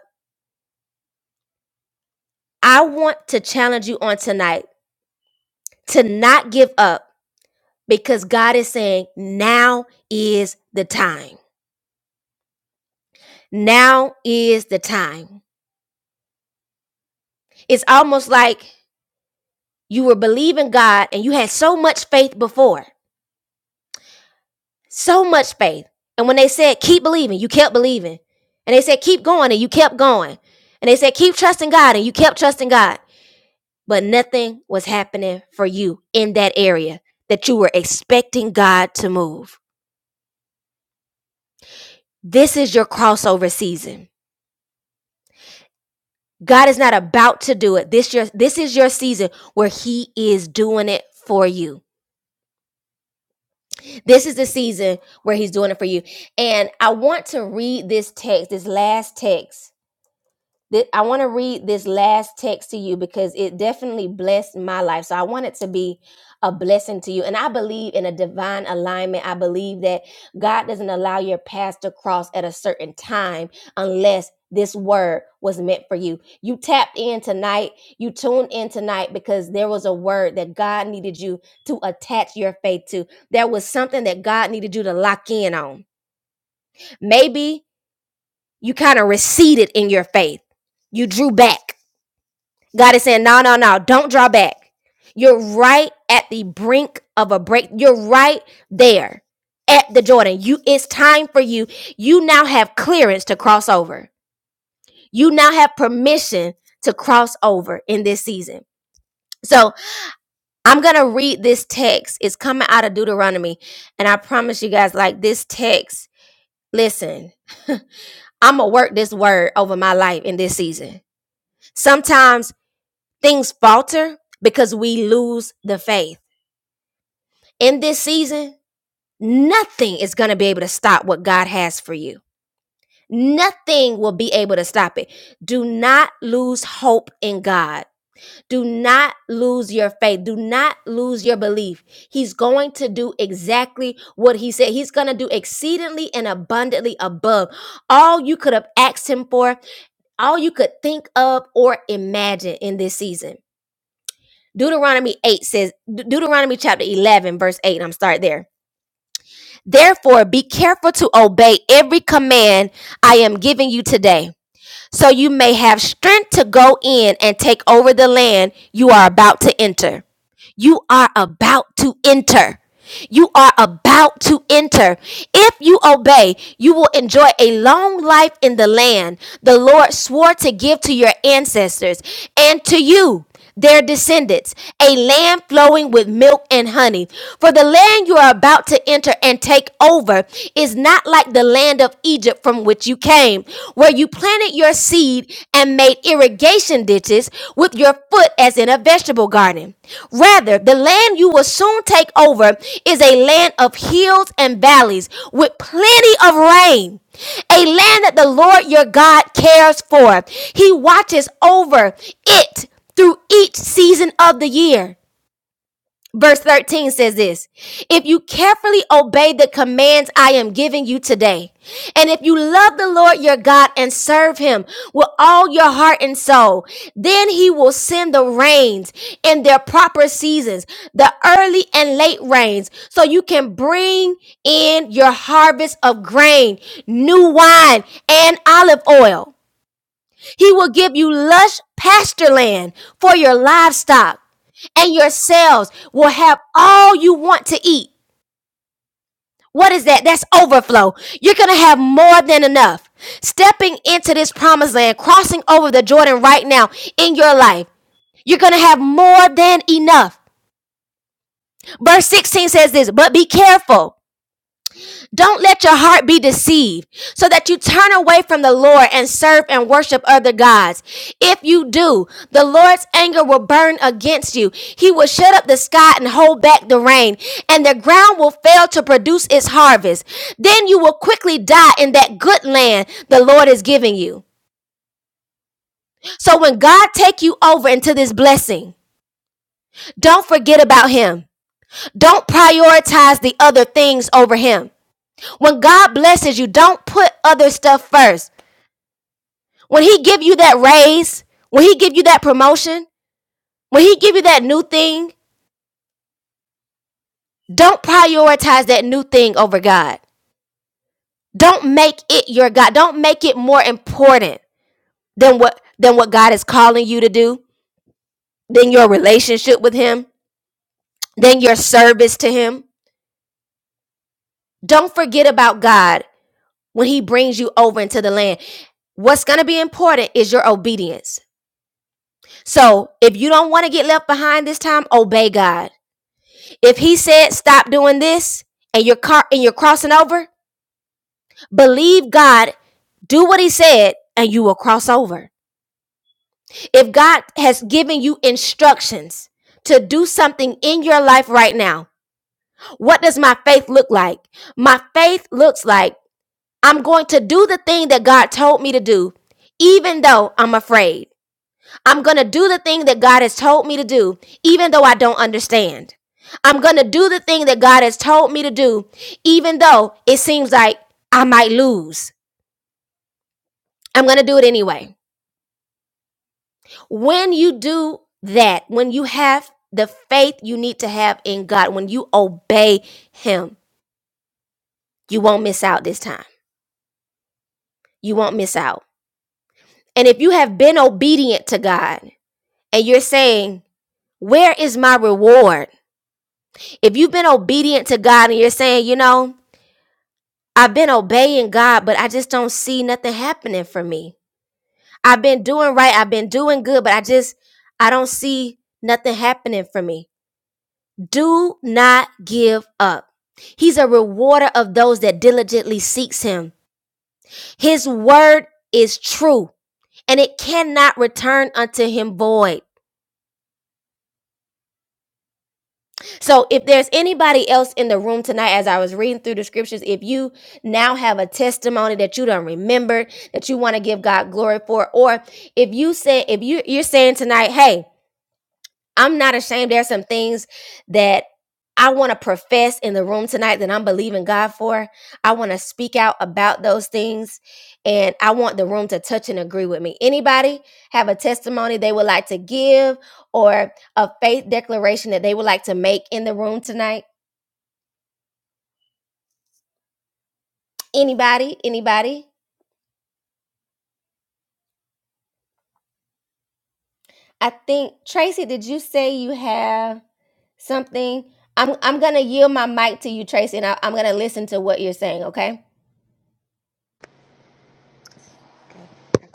A: i want to challenge you on tonight to not give up because god is saying now is the time now is the time it's almost like You were believing God and you had so much faith before, so much faith. And when they said, keep believing, you kept believing. And they said, keep going and you kept going. And they said, keep trusting God and you kept trusting God. But nothing was happening for you in that area that you were expecting God to move. This is your crossover season. God is not about to do it. This your this is your season where he is doing it for you. This is the season where he's doing it for you. And I want to read this text, this last text Th- I want to read this last text to you because it definitely blessed my life. So I want it to be a blessing to you. And I believe in a divine alignment. I believe that God doesn't allow your path to cross at a certain time unless this word was meant for you. You tapped in tonight. You tuned in tonight because there was a word that God needed you to attach your faith to. There was something that God needed you to lock in on. Maybe you kind of receded in your faith. You drew back God is saying, no, no, no, don't draw back. You're right at the brink of a break. You're right there at the Jordan. You it's time for you. You now have clearance to cross over. You now have permission to cross over in this season. So I'm gonna read this text. It's coming out of Deuteronomy. And I promise you guys, like this text, listen, [laughs] I'm gonna work this word over my life in this season. Sometimes things falter because we lose the faith. In this season, nothing is going to be able to stop what God has for you. Nothing will be able to stop it. Do not lose hope in God. Do not lose your faith. Do not lose your belief. He's going to do exactly what He said. He's going to do exceedingly and abundantly above all you could have asked Him for, all you could think of or imagine in this season. Deuteronomy 8 says, De- Deuteronomy chapter 11, verse 8, I'm start there. Therefore, be careful to obey every command I am giving you today, so you may have strength to go in and take over the land you are about to enter you are about to enter. You are about to enter. If you obey, you will enjoy a long life in the land the Lord swore to give to your ancestors and to you, their descendants, a land flowing with milk and honey. For the land you are about to enter and take over is not like the land of Egypt from which which you came, where you planted your seed and made irrigation ditches with your foot as in a vegetable garden. Rather, the land you will soon take over is a land of hills and valleys with plenty of rain. A land that the Lord your God cares for. He watches over it through each season of the year. Verse 13 says this If you carefully obey the commands I am giving you today, and if you love the Lord your God and serve him with all your heart and soul, then he will send the rains in their proper seasons, the early and late rains, so you can bring in your harvest of grain, new wine, and olive oil. He will give you lush pasture land for your livestock, and your cells will have all you want to eat. What is that? That's overflow. You're going to have more than enough. Stepping into this promised land, crossing over the Jordan right now in your life, you're going to have more than enough. Verse 16 says this, but be careful. Don't let your heart be deceived so that you turn away from the Lord and serve and worship other gods. If you do, the Lord's anger will burn against you. He will shut up the sky and hold back the rain, and the ground will fail to produce its harvest. Then you will quickly die in that good land the Lord is giving you. So when God take you over into this blessing, don't forget about him. Don't prioritize the other things over him. When God blesses you, don't put other stuff first. When he give you that raise, when he give you that promotion, when he give you that new thing, don't prioritize that new thing over God. Don't make it your God. Don't make it more important than what than what God is calling you to do, than your relationship with him, than your service to him. Don't forget about God when he brings you over into the land. What's going to be important is your obedience. So, if you don't want to get left behind this time, obey God. If he said stop doing this and you're car- and you're crossing over, believe God, do what he said and you will cross over. If God has given you instructions to do something in your life right now, what does my faith look like? My faith looks like I'm going to do the thing that God told me to do even though I'm afraid. I'm going to do the thing that God has told me to do, even though I don't understand. I'm going to do the thing that God has told me to do, even though it seems like I might lose. I'm going to do it anyway. When you do that, when you have the faith you need to have in God, when you obey Him, you won't miss out this time. You won't miss out. And if you have been obedient to God and you're saying, Where is my reward? If you've been obedient to God and you're saying, You know, I've been obeying God, but I just don't see nothing happening for me. I've been doing right, I've been doing good, but I just I don't see nothing happening for me. Do not give up. He's a rewarder of those that diligently seeks him. His word is true, and it cannot return unto him void. So if there's anybody else in the room tonight, as I was reading through the scriptures, if you now have a testimony that you don't remember that you want to give God glory for, or if you say if you you're saying tonight, hey. I'm not ashamed. There's some things that I want to profess in the room tonight that I'm believing God for. I want to speak out about those things and I want the room to touch and agree with me. Anybody have a testimony they would like to give or a faith declaration that they would like to make in the room tonight? Anybody? Anybody? I think Tracy, did you say you have something? I'm I'm going to yield my mic to you Tracy and I, I'm going to listen to what you're saying, okay?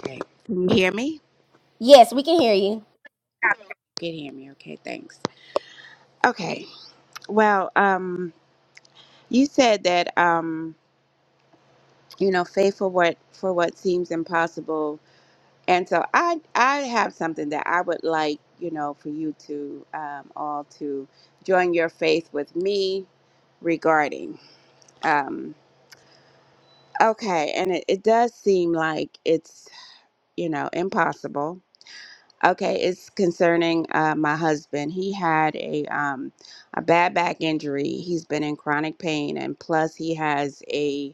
B: Okay. Can you hear me?
A: Yes, we can hear you.
B: You can hear me. Okay, thanks. Okay. Well, um, you said that um, you know, faith for what for what seems impossible And so I I have something that I would like you know for you to um, all to join your faith with me regarding. Um, okay, and it, it does seem like it's you know impossible. Okay, it's concerning uh, my husband. He had a um, a bad back injury. He's been in chronic pain, and plus he has a.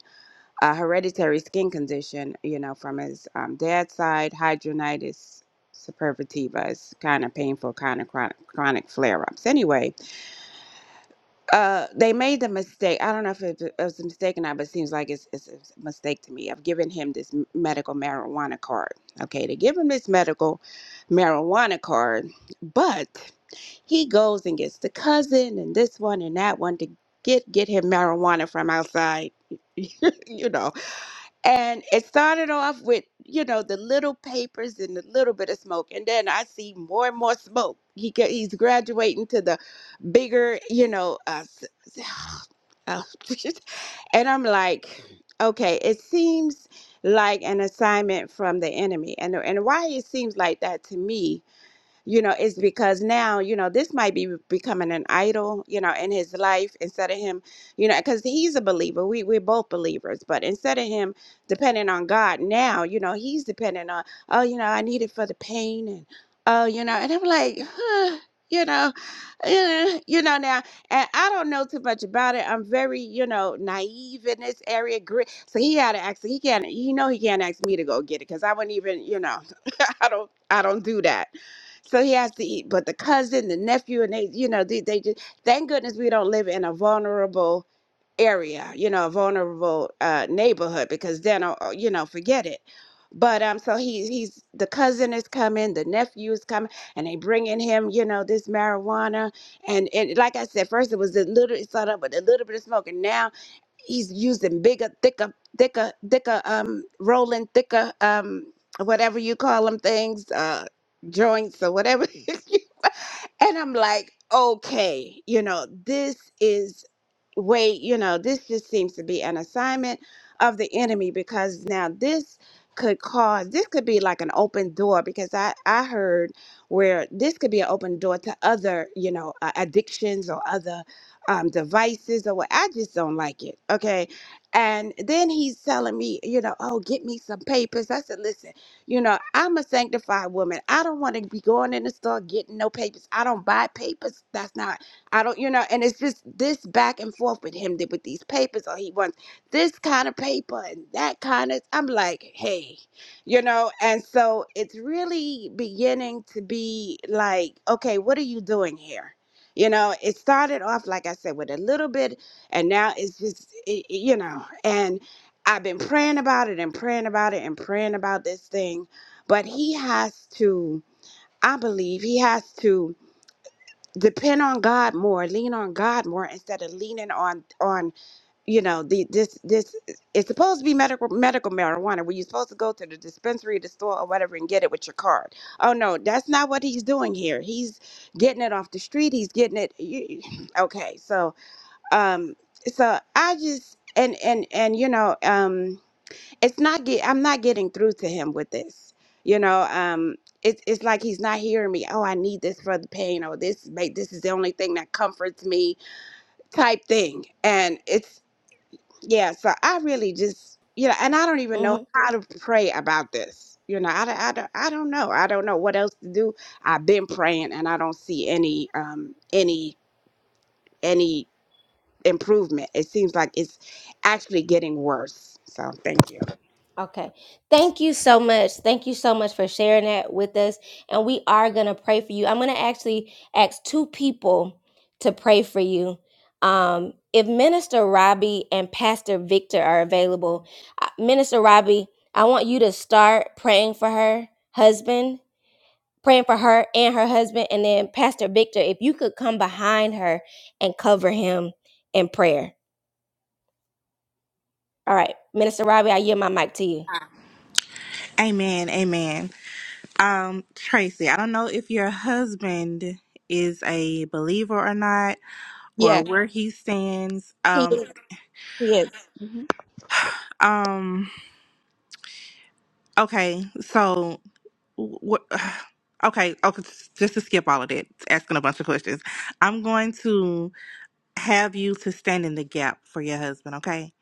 B: a hereditary skin condition, you know, from his um, dad's side, hidradenitis suppurativa is kind of painful, kind of chronic, chronic flare-ups. Anyway, uh, they made the mistake. I don't know if it it was a mistake or not, but it seems like it's, it's a mistake to me. I've given him this m- medical marijuana card. Okay, they give him this medical marijuana card, but he goes and gets the cousin and this one and that one to get get him marijuana from outside. [laughs] you know and it started off with, you know, the little papers and a little bit of smoke. And then I see more and more smoke. He get, he's graduating to the bigger, you know, uh, s- s- [sighs] uh, [laughs] and I'm like, okay, it seems like an assignment from the enemy. And and why it seems like that to me you know, it's because now, you know, this might be becoming an idol, you know, in his life instead of him, you know, because he's a believer. We we're both believers, but instead of him depending on God now, you know, he's dependent on, oh, you know, I need it for the pain and oh, you know, and I'm like, huh, you know, uh, you know now, and I don't know too much about it. I'm very, you know, naive in this area. gri- So he had to ask. He can't. He know he can't ask me to go get it because I wouldn't even, you know, [laughs] I don't. I don't do that so he has to eat. But the cousin, the nephew, and they, you know, they, they just, thank goodness we don't live in a vulnerable area, you know, a vulnerable uh, neighborhood, because then, uh, uh, you know, forget it. But um, so he, he's the cousin is coming, the nephew is coming, and they bringing him, you know, this marijuana, and and like I said, first it was a little, it started up with a little bit of smoke, and now he's using bigger, thicker, thicker, thicker, um, rolling thicker, um, whatever you call them things, uh, joints or whatever. [laughs] And I'm like, okay, you know, this is way, you know, this just seems to be an assignment of the enemy because now this could cause this could be like an open door because I I heard where this could be an open door to other, you know, uh, addictions or other um devices or what. I just don't like it. Okay. And then he's telling me, you know, oh, get me some papers. I said, listen. You know, I'm a sanctified woman. I don't want to be going in the store getting no papers. I don't buy papers. That's not, I don't, you know, and it's just this back and forth with him that with these papers, or he wants this kind of paper and that kind of. I'm like, hey, you know, and so it's really beginning to be like, okay, what are you doing here? You know, it started off, like I said, with a little bit, and now it's just, it, it- you know, and. I've been praying about it and praying about it and praying about this thing. But he has to, I believe, he has to depend on God more, lean on God more instead of leaning on on you know the this this it's supposed to be medical medical marijuana where you're supposed to go to the dispensary, the store, or whatever and get it with your card. Oh no, that's not what he's doing here. He's getting it off the street. He's getting it. you- Okay, so um, so I just and and and you know um it's not get I'm not getting through to him with this. You know, um it's it's like he's not hearing me. Oh, I need this for the pain or this mate, this is the only thing that comforts me type thing. And it's yeah, so I really just you know, and I don't even
A: hmm
B: know how to pray about this. You know, I, don't- I, don't- I don't know. I don't know what else to do. I've been praying and I don't see any um any any improvement. It seems like it's actually getting worse. So, thank you.
A: Okay. Thank you so much. Thank you so much for sharing that with us. And we are going to pray for you. I'm going to actually ask two people to pray for you. Um, if Minister Robbie and Pastor Victor are available, uh, Minister Robbie, I want you to start praying for her husband praying for her and her husband. And then Pastor Victor, if you could come behind her and cover him in prayer. All right, Minister Robbie, I yield my mic to you.
D: Amen. Amen. Um, Tracy, I don't know if your husband is a believer or not, or
B: Yes,
D: where he stands.
B: he,
D: Um,
B: he is.
D: um. Okay. So what? [sighs] Okay, okay, s- just to skip all of that, asking a bunch of questions. I'm going to have you to stand in the gap for your husband, okay?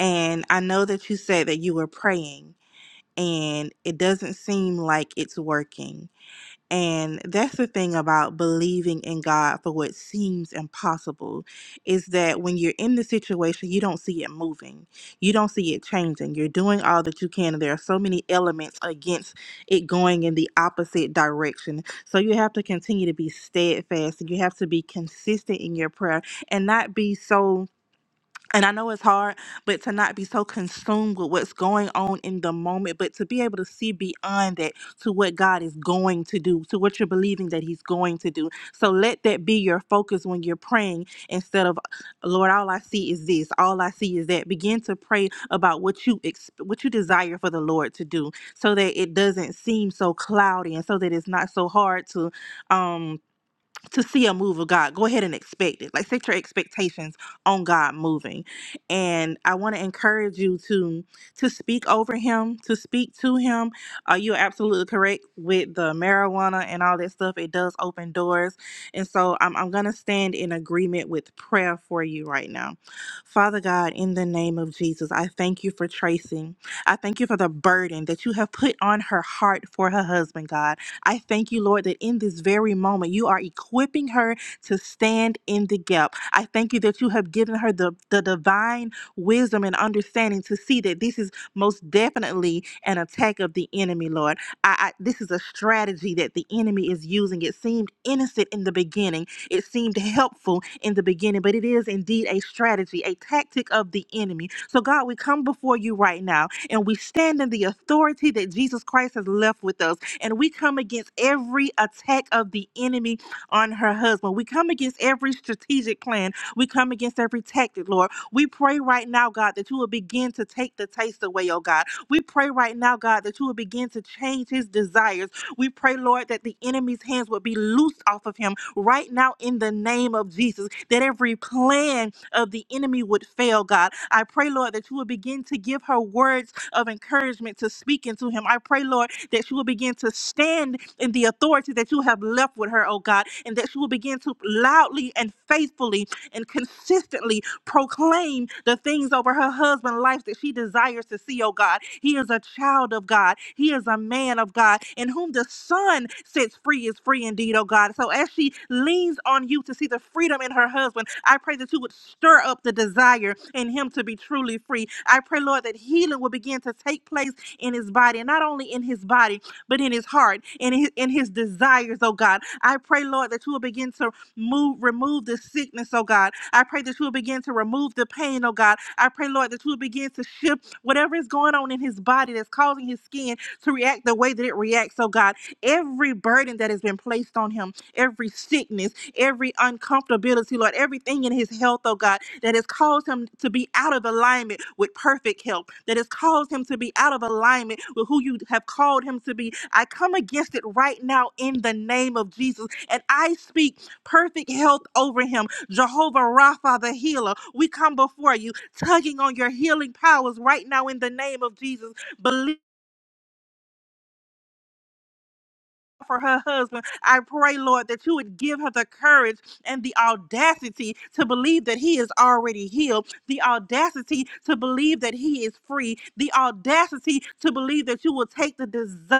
D: And I know that you said that you were praying and it doesn't seem like it's working. And that's the thing about believing in God for what seems impossible is that when you're in the situation, you don't see it moving, you don't see it changing. You're doing all that you can, and there are so many elements against it going in the opposite direction. So you have to continue to be steadfast and you have to be consistent in your prayer and not be so and I know it's hard, but to not be so consumed with what's going on in the moment, but to be able to see beyond that to what God is going to do, to what you're believing that He's going to do. So let that be your focus when you're praying instead of, Lord, all I see is this, all I see is that. Begin to pray about what you ex- what you desire for the Lord to do, so that it doesn't seem so cloudy, and so that it's not so hard to, um, to see a move of God, go ahead and expect it. Like set your expectations on God moving. And I want to encourage you to to speak over him, to speak to him. Uh, you're absolutely correct with the marijuana and all that stuff. It does open doors. And so I'm, I'm gonna stand in agreement with prayer for you right now. Father God, in the name of Jesus, I thank you for tracing. I thank you for the burden that you have put on her heart for her husband, God. I thank you, Lord, that in this very moment you are equipping her to stand in the gap. I thank you that you have given her the, the divine wisdom and understanding to see that this is most definitely an attack of the enemy, Lord. I, I this is a strategy that the enemy is using. It seemed innocent in the beginning. It seemed helpful in the beginning, but it is indeed a strategy, a tactic of the enemy. So God, we come before you right now and we stand in the authority that Jesus Christ has left with us and we come against every attack of the enemy on her husband. We come against every strategic plan. We come against every tactic, Lord. We pray right now, God, that you will begin to take the taste away, oh God. We pray right now, God, that you will begin to change his desires. We pray, Lord, that the enemy's hands will be loosed off of him right now in the name of Jesus, that every plan of the enemy would fail, God. I pray, Lord, that you will begin to give her words of encouragement to speak into him. I pray, Lord, that you will begin to stand in the authority that you have left with her, oh God, and that she will begin to loudly and faithfully and consistently proclaim the things over her husband's life that she desires to see, oh God. He is a child of God. He is a man of God, in whom the Son sets free is free indeed, oh God. So as she leans on you to see the freedom in her husband, I pray that you would stir up the desire in him to be truly free. I pray, Lord, that healing will begin to take place in his body, and not only in his body, but in his heart and in his, in his desires, oh God. I pray, Lord, that you will begin to Move, remove the sickness, oh God. I pray that you will begin to remove the pain, oh God. I pray, Lord, that you will begin to shift whatever is going on in his body that's causing his skin to react the way that it reacts, oh God. Every burden that has been placed on him, every sickness, every uncomfortability, Lord, everything in his health, oh God, that has caused him to be out of alignment with perfect health, that has caused him to be out of alignment with who you have called him to be. I come against it right now in the name of Jesus, and I speak perfect health over him. Jehovah Rapha, the healer, we come before you, tugging on your healing powers right now in the name of Jesus. Believe. For her husband, I pray, Lord, that you would give her the courage and the audacity to believe that he is already healed, the audacity to believe that he is free, the audacity to believe that you will take the desire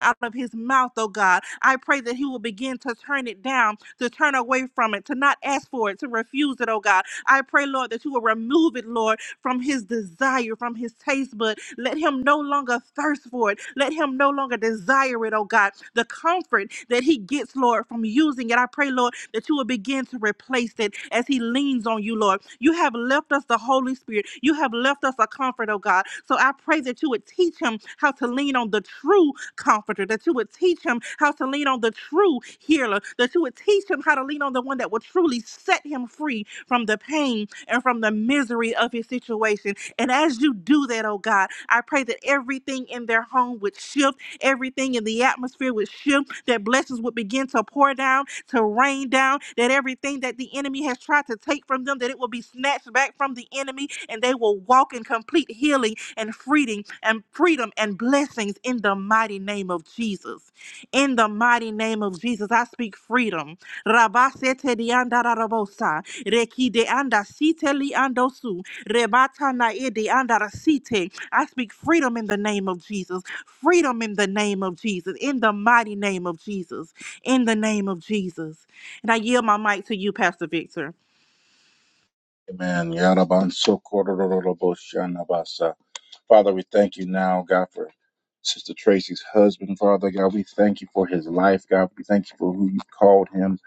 D: out of his mouth, oh God. I pray that he will begin to turn it down, to turn away from it, to not ask for it, to refuse it, oh God. I pray, Lord, that you will remove it, Lord, from his desire, from his taste bud. Let him no longer thirst for it. Let him no longer desire it, oh God. The comfort that he gets, Lord, from using it. I pray, Lord, that you will begin to replace it as he leans on you, Lord. You have left us the Holy Spirit. You have left us a comfort, oh God. So I pray that you would teach him how to lean on the true comforter, that you would teach him how to lean on the true healer, that you would teach him how to lean on the one that will truly set him free from the pain and from the misery of his situation. And as you do that, oh God, I pray that everything in their home would shift, everything in the atmosphere would shift, that blessings would begin to pour down, to rain down, that everything that the enemy has tried to take from them, that it will be snatched back from the enemy, and they will walk in complete healing and freedom and freedom and blessings in the mighty name of Jesus. In the mighty name of Jesus, I speak freedom. Rabasete rianda rarabosa. Reki de anda site li andosu. Rebata na e de anda rasite. I speak freedom in the name of Jesus. Freedom in the name of Jesus. In the mighty name of Jesus. In the name of Jesus. And I yield my mic to you, Pastor Victor.
C: Amen. Yarabansokorororoboshanabasa. Father, we thank you now, God, for Sister Tracy's husband, Father God. We thank you for his life, God. We thank you for who you called him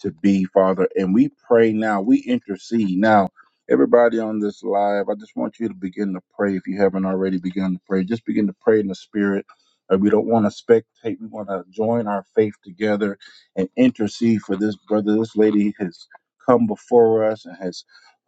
C: to be, Father. And we pray now, we intercede now. Everybody on this live, I just want you to begin to pray if you haven't already begun to pray. Just begin to pray in the spirit. Uh, we don't want to spectate. We want to join our faith together and intercede for this brother, this lady has come before us and has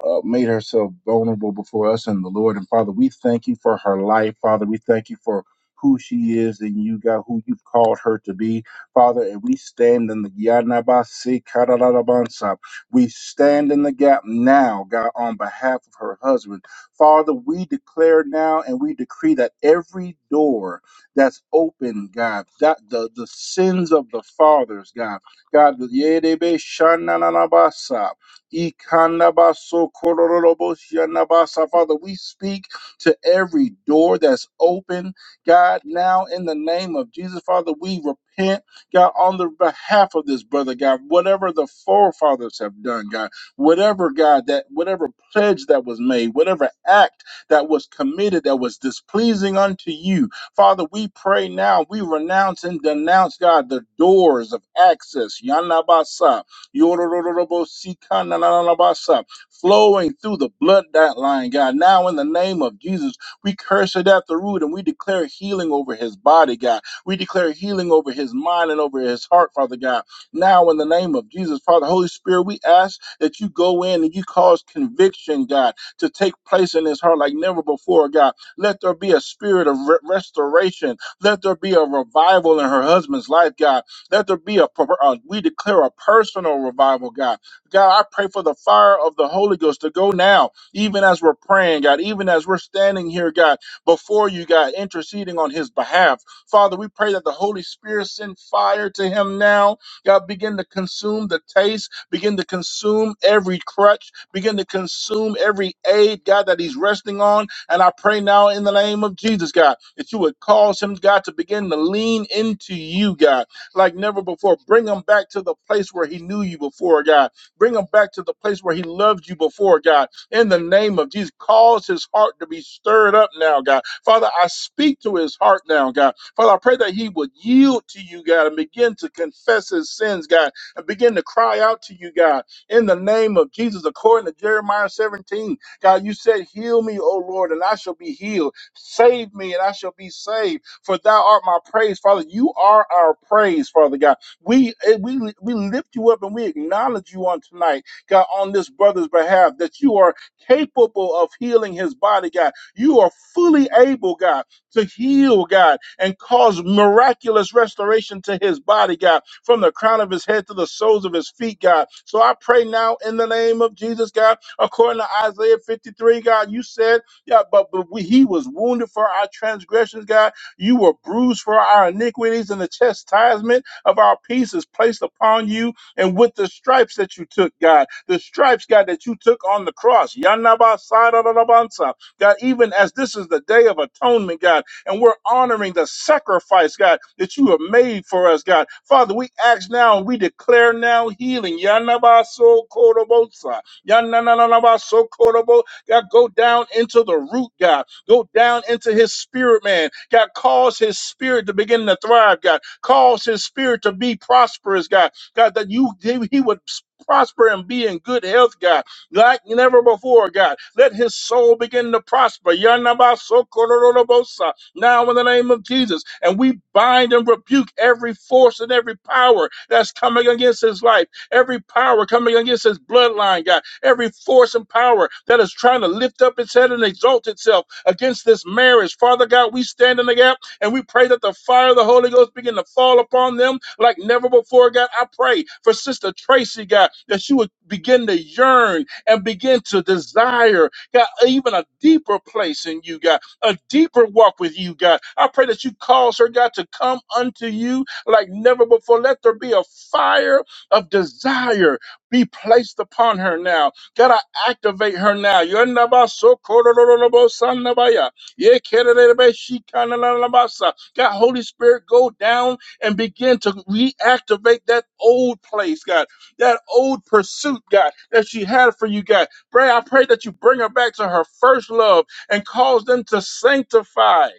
C: uh, made herself vulnerable before us and the Lord. And Father, we thank you for her life. Father, we thank you for who she is and you got who you've called her to be. Father, and we stand in the Yanabasi Karalalabansa. We stand in the gap now, God, on behalf of her husband. Father, we declare now and we decree that every door that's open, God, that the, the sins of the fathers, God, God, the Yedebe Shananabasa. Ikanabasokororobosyanabasa. Father, we speak to every door that's open, God, now in the name of Jesus. Father, we repent, God, on the behalf of this brother, God, whatever the forefathers have done, God, whatever, God, that whatever pledge that was made, whatever act that was committed that was displeasing unto you, Father, we pray now, we renounce and denounce, God, the doors of access, Yanabasa Yorororobosikanalalabasa, Flowing through the bloodline, God. Now, in the name of Jesus, we curse it at the root and we declare healing over his body, God. We declare healing over his mind and over his heart, Father God. Now, in the name of Jesus, Father, Holy Spirit, we ask that you go in and you cause conviction, God, to take place in his heart like never before, God. Let there be a spirit of re- restoration. Let there be a revival in her husband's life, God. Let there be a, uh, we declare a personal revival, God. God, I pray for the fire of the Holy Ghost to go now, even as we're praying, God, even as we're standing here, God, before you, God, interceding on his behalf. Father, we pray that the Holy Spirit send fire to him now. God, begin to consume the taste, begin to consume every crutch, begin to consume every aid, God, that he's resting on. And I pray now in the name of Jesus, God, that you would cause him, God, to begin to lean into you, God like never before. Bring him back to the place where he knew you before, God. Bring him back to the place where he loved you before, God. In the name of Jesus, cause his heart to be stirred up now, God. Father, I speak to his heart now, God. Father, I pray that he would yield to you, God, and begin to confess his sins, God, and begin to cry out to you, God, in the name of Jesus, according to Jeremiah 17. God, you said, Heal me, O Lord, and I shall be healed. Save me, and I shall be saved for thou art my praise, Father. You are our praise, Father God. We eh, we we lift you up and we acknowledge you on tonight, God, on this brother's behalf, that you are capable of healing his body, God. You are fully able, God, to heal, God, and cause miraculous restoration to his body, God, from the crown of his head to the soles of his feet, God. So I pray now in the name of Jesus, God, according to Isaiah 53, God, you said, yeah, but, but we, he was wounded for our transgressions, God you were bruised for our iniquities, and the chastisement of our peace is placed upon you. And with the stripes that you took, God, the stripes, God, that you took on the cross, Yanabasararabansa. God, even as this is the day of atonement, God, and we're honoring the sacrifice, God, that you have made for us, God. Father, we ask now and we declare now healing. Yanabaso Korobosa. Yanananabaso Korobo. God, go down into the root, God. Go down into his spirit, man. God, cause his spirit to begin to thrive, God. Cause his spirit to be prosperous, God. God, that you he would prosper and be in good health, God, like never before, God. Let his soul begin to prosper. Yanabasokororobosa. Now in the name of Jesus. And we bind and rebuke every force and every power that's coming against his life, every power coming against his bloodline, God, every force and power that is trying to lift up its head and exalt itself against this marriage. Father God, we stand in the gap and we pray that the fire of the Holy Ghost begin to fall upon them like never before, God. I pray for Sister Tracy, God, that she would begin to yearn and begin to desire, God, even a deeper place in you, God, a deeper walk with you, God. I pray that you cause her, God, to come unto you like never before. Let there be a fire of desire be placed upon her now Gotta activate her now. Yondabasokorororobosandabaya. Yekererebeshikananabasa. God, Holy Spirit, go down and begin to reactivate that old place, God, that old pursuit, God, that she had for you, God. Pray, I pray that you bring her back to her first love and cause them to sanctify,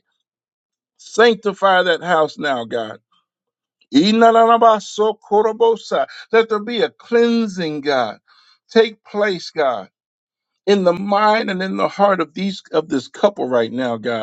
C: sanctify that house now, God. Inanabasokorobosa. Let there be a cleansing, God. Take place, God in the mind and in the heart of these of this couple right now, God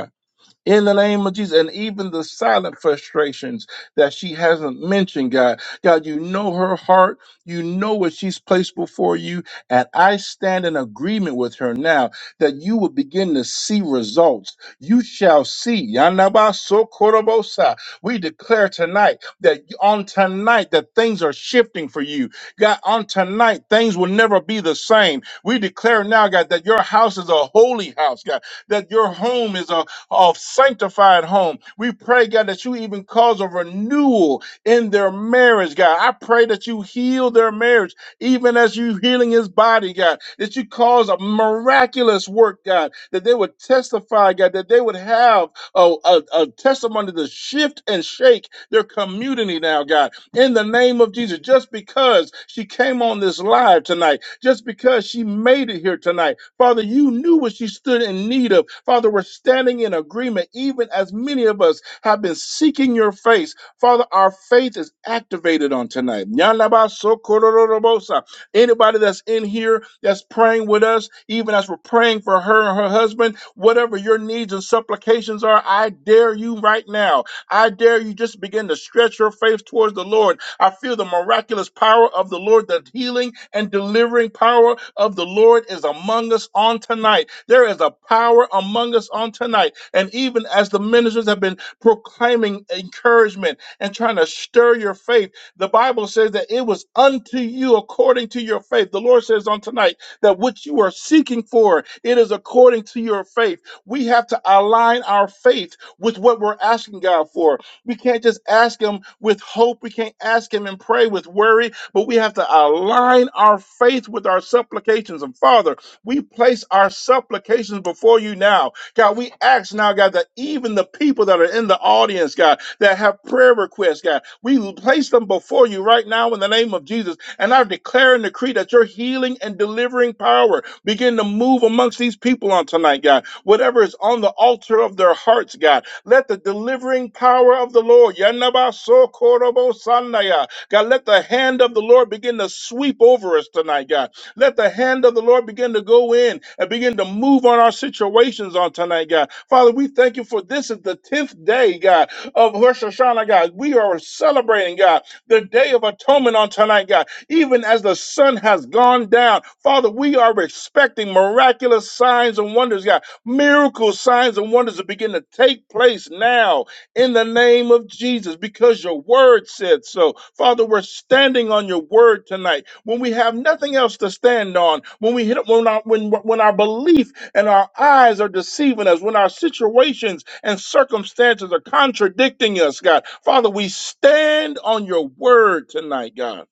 C: in the name of Jesus, and even the silent frustrations that she hasn't mentioned, God. God, you know her heart, you know what she's placed before you, and I stand in agreement with her now that you will begin to see results. You shall see. Yanabasokorobosa. We declare tonight that on tonight that things are shifting for you. God, on tonight things will never be the same. We declare now, God, that your house is a holy house, God, that your home is a of sanctified home. We pray, God, that you even cause a renewal in their marriage, God. I pray that you heal their marriage, even as you healing his body, God. That you cause a miraculous work, God. That they would testify, God. That they would have a, a, a testimony to shift and shake their community now, God. In the name of Jesus, just because she came on this live tonight, just because she made it here tonight Father, you knew what she stood in need of. Father, we're standing in agreement, even as many of us have been seeking your face. Father, our faith is activated on tonight. Nyalabasokorororobosa. Anybody that's in here that's praying with us, even as we're praying for her and her husband, whatever your needs and supplications are, I dare you right now. I dare you just begin to stretch your faith towards the Lord I feel the miraculous power of the Lord, the healing and delivering power of the Lord is among us on tonight. There is a power among us on tonight. And even as the ministers have been proclaiming encouragement and trying to stir your faith, the Bible says that it was unto you according to your faith. The Lord says on tonight that what you are seeking for, it is according to your faith. We have to align our faith with what we're asking God for. We can't just ask Him with hope. We can't ask Him and pray with worry, but we have to align our faith with our supplications. And Father, we place our supplications before you now. God, we ask now, God, that even the people that are in the audience, God, that have prayer requests, God, we place them before you right now in the name of Jesus. And I declare and decree that your healing and delivering power begin to move amongst these people on tonight, God whatever is on the altar of their hearts, God. Let the delivering power of the Lord, Yanabasokorobosanaya. God, let the hand of the Lord begin to sweep over us tonight, God. Let the hand of the Lord begin to go in and begin to move on our situations on tonight, God. Father, we thank you for this is the 10th day, God, of Rosh Hashanah, God. We are celebrating, God, the day of atonement on tonight, God. Even as the sun has gone down, Father, we are expecting miraculous signs and wonders, God. Miracles, signs, and wonders are beginning to take place now in the name of Jesus because your word said so. Father, we're standing on your word tonight. When we have nothing else to stand on, when we hit when our when, when our belief and our eyes are deceiving us, when our situations and circumstances are contradicting us, God. Father, we stand on your word tonight, God.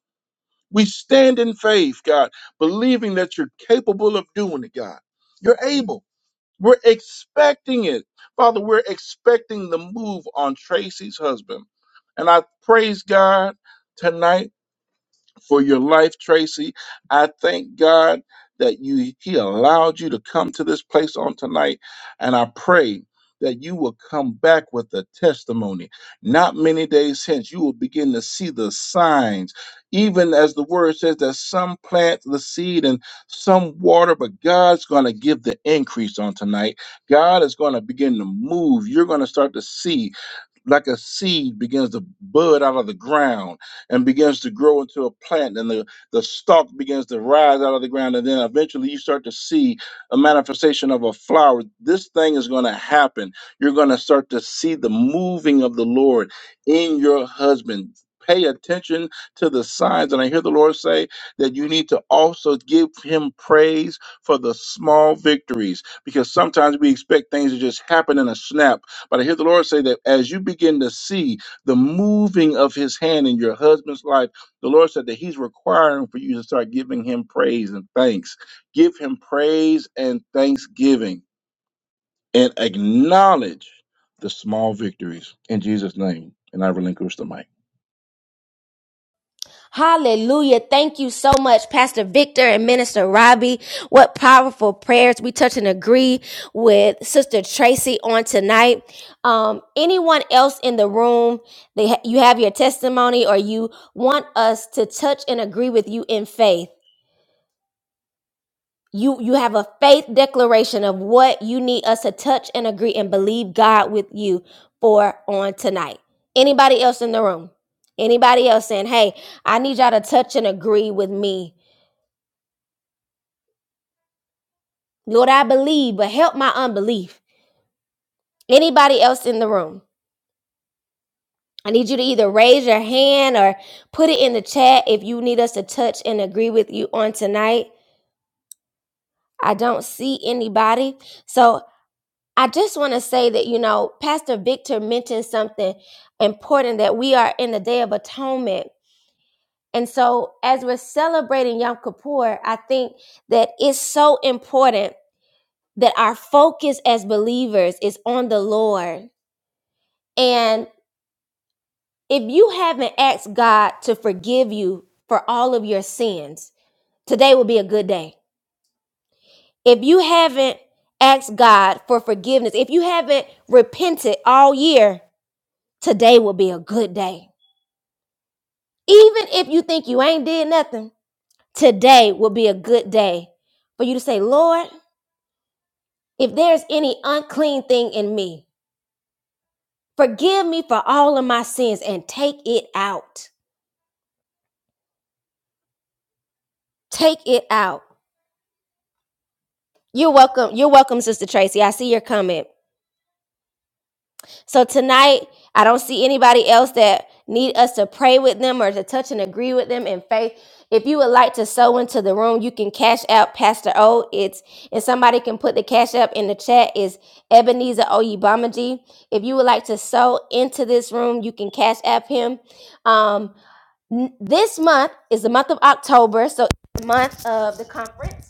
C: We stand in faith, God, believing that you're capable of doing it, God. You're able. We're expecting it. Father, we're expecting the move on Tracy's husband. And I praise God tonight for your life, Tracy. I thank God that you He allowed you to come to this place on tonight, and I pray that you will come back with a testimony. Not many days hence, you will begin to see the signs, even as the word says that some plant the seed and some water, but God's going to give the increase on tonight. God is going to begin to move. You're going to start to see like a seed begins to bud out of the ground and begins to grow into a plant and the, the stalk begins to rise out of the ground and then eventually you start to see a manifestation of a flower this thing is going to happen you're going to start to see the moving of the lord in your husband pay attention to the signs and i hear the lord say that you need to also give him praise for the small victories because sometimes we expect things to just happen in a snap but I hear the Lord say that as you begin to see the moving of his hand in your husband's life, the Lord said that he's requiring for you to start giving him praise and thanks. Give him praise and thanksgiving and acknowledge the small victories in Jesus' name. And I relinquish the mic.
A: Hallelujah. Thank you so much, Pastor Victor and Minister Robbie. What powerful prayers. We touch and agree with Sister Tracy on tonight. Um, anyone else in the room, they ha- you have your testimony or you want us to touch and agree with you in faith. you you have a faith declaration of what you need us to touch and agree and believe God with you for on tonight. Anybody else in the room? Anybody else saying, "Hey, I need y'all to touch and agree with me. Lord, I believe, but help my unbelief." Anybody else in the room? I need you to either raise your hand or put it in the chat if you need us to touch and agree with you on tonight. I don't see anybody. So I just want to say that, you know, Pastor Victor mentioned something important that we are in the Day of Atonement. And so, as we're celebrating Yom Kippur, I think that it's so important that our focus as believers is on the Lord. And if you haven't asked God to forgive you for all of your sins, today will be a good day. If you haven't asked God for forgiveness, if you haven't repented all year, today will be a good day Even if you think you ain't did nothing, today will be a good day for you to say, Lord, if there's any unclean thing in me, forgive me for all of my sins and take it out. Take it out. You're welcome. You're welcome, Sister Tracy. I see your comment. So tonight, I don't see anybody else that need us to pray with them or to touch and agree with them in faith. If you would like to sow into the room, you can cash out Pastor O. It's and somebody can put the cash up in the chat is Ebenezer Oyibamaji. If you would like to sow into this room, you can cash app him. Um, n- this month is the month of October, so it's the month of the conference.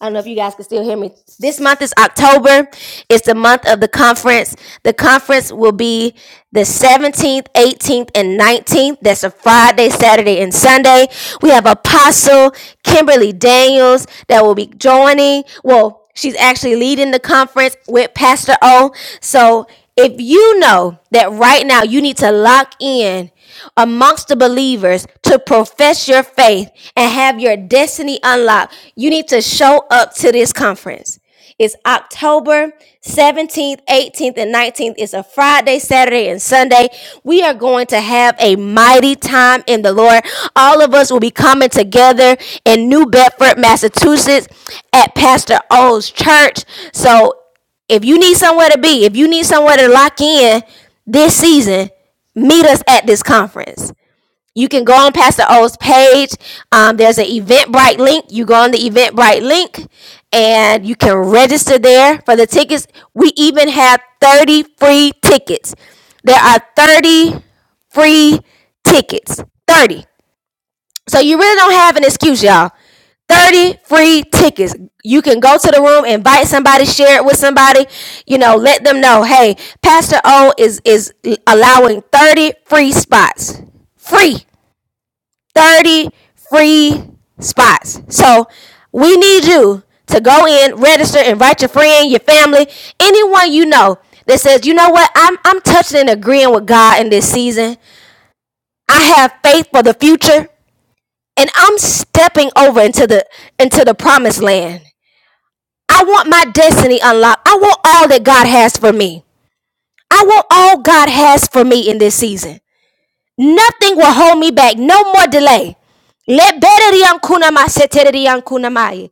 A: I don't know if you guys can still hear me. This month is October. It's the month of the conference. The conference will be the 17th, 18th, and 19th. That's a Friday, Saturday, and Sunday. We have Apostle Kimberly Daniels that will be joining. Well, she's actually leading the conference with Pastor O. So if you know that right now you need to lock in amongst the believers to profess your faith and have your destiny unlocked, you need to show up to this conference. It's October 17th, 18th, and 19th. It's a Friday, Saturday, and Sunday. We are going to have a mighty time in the Lord. All of us will be coming together in New Bedford, Massachusetts at Pastor O's church. So if you need somewhere to be, if you need somewhere to lock in this season, meet us at this conference. You can go on Pastor O's page. Um, there's an Eventbrite link. You go on the Eventbrite link and you can register there for the tickets. We even have 30 free tickets. There are 30 free tickets. 30. So you really don't have an excuse, y'all. 30 free tickets. You can go to the room, invite somebody, share it with somebody, you know, let them know, hey, Pastor O is is allowing 30 free spots. Free. 30 free spots. So we need you to go in, register, invite your friend, your family, anyone you know that says, you know what, I'm, I'm touching and agreeing with God in this season. I have faith for the future and I'm stepping over into the into the promised land. I want my destiny unlocked. I want all that God has for me. I want all God has for me in this season. Nothing will hold me back. No more delay. Lebereriankunamasetereriankunamaye.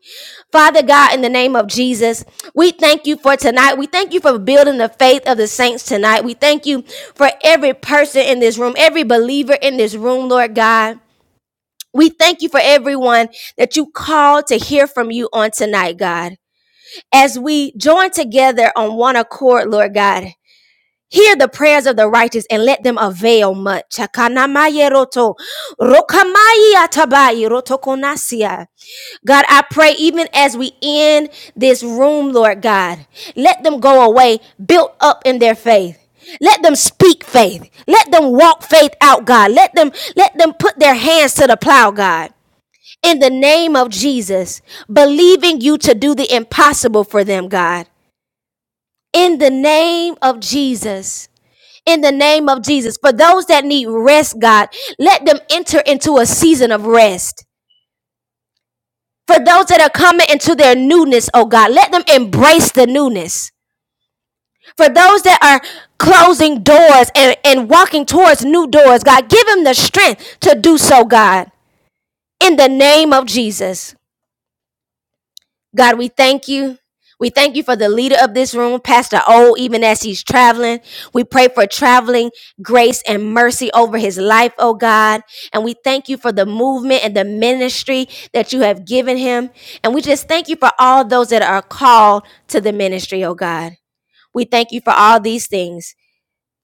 A: Father God, in the name of Jesus, we thank you for tonight. We thank you for building the faith of the saints tonight. We thank you for every person in this room, every believer in this room, Lord God. We thank you for everyone that you called to hear from you on tonight, God. As we join together on one accord, Lord God, Hear the prayers of the righteous and let them avail much. God, I pray even as we end this room, Lord God, let them go away built up in their faith. Let them speak faith. Let them walk faith out, God. Let them let them put their hands to the plow, God. In the name of Jesus, believing you to do the impossible for them, God. In the name of Jesus in the name of Jesus. For those that need rest, God, let them enter into a season of rest. For those that are coming into their newness, oh God, let them embrace the newness. For those that are closing doors and, and walking towards new doors, God, give them the strength to do so, God, in the name of Jesus. God, we thank you. We thank you for the leader of this room, Pastor O, even as he's traveling. We pray for traveling grace and mercy over his life, oh God. And we thank you for the movement and the ministry that you have given him. And we just thank you for all those that are called to the ministry, oh God. We thank you for all these things.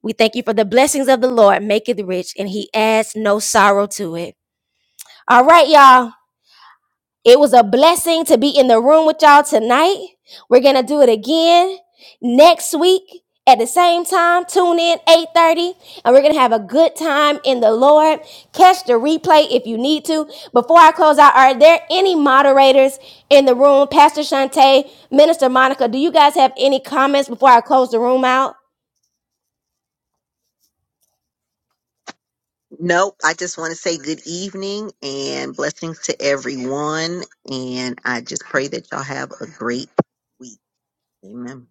A: We thank you for the blessings of the Lord, make it rich, and he adds no sorrow to it. All right, y'all. It was a blessing to be in the room with y'all tonight. We're gonna do it again next week at the same time. Tune in 8:30, and we're gonna have a good time in the Lord. Catch the replay if you need to. Before I close out, are there any moderators in the room? Pastor Shante, Minister Monica, do you guys have any comments before I close the room out?
E: Nope. I just want to say good evening and blessings to everyone. And I just pray that y'all have a great week. Amen.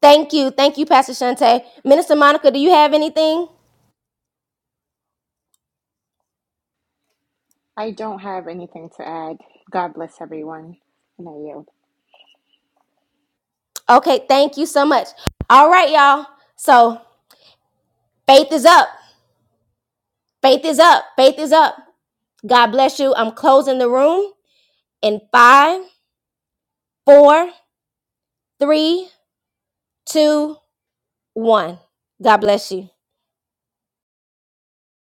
A: Thank you. Thank you, Pastor Shante. Minister Monica, do you have anything?
F: I don't have anything to add. God bless everyone, and I yield.
A: Okay, thank you so much. All right, y'all. So faith is up. Faith is up. Faith is up. God bless you. I'm closing the room in five, four, three, two, one. God bless you.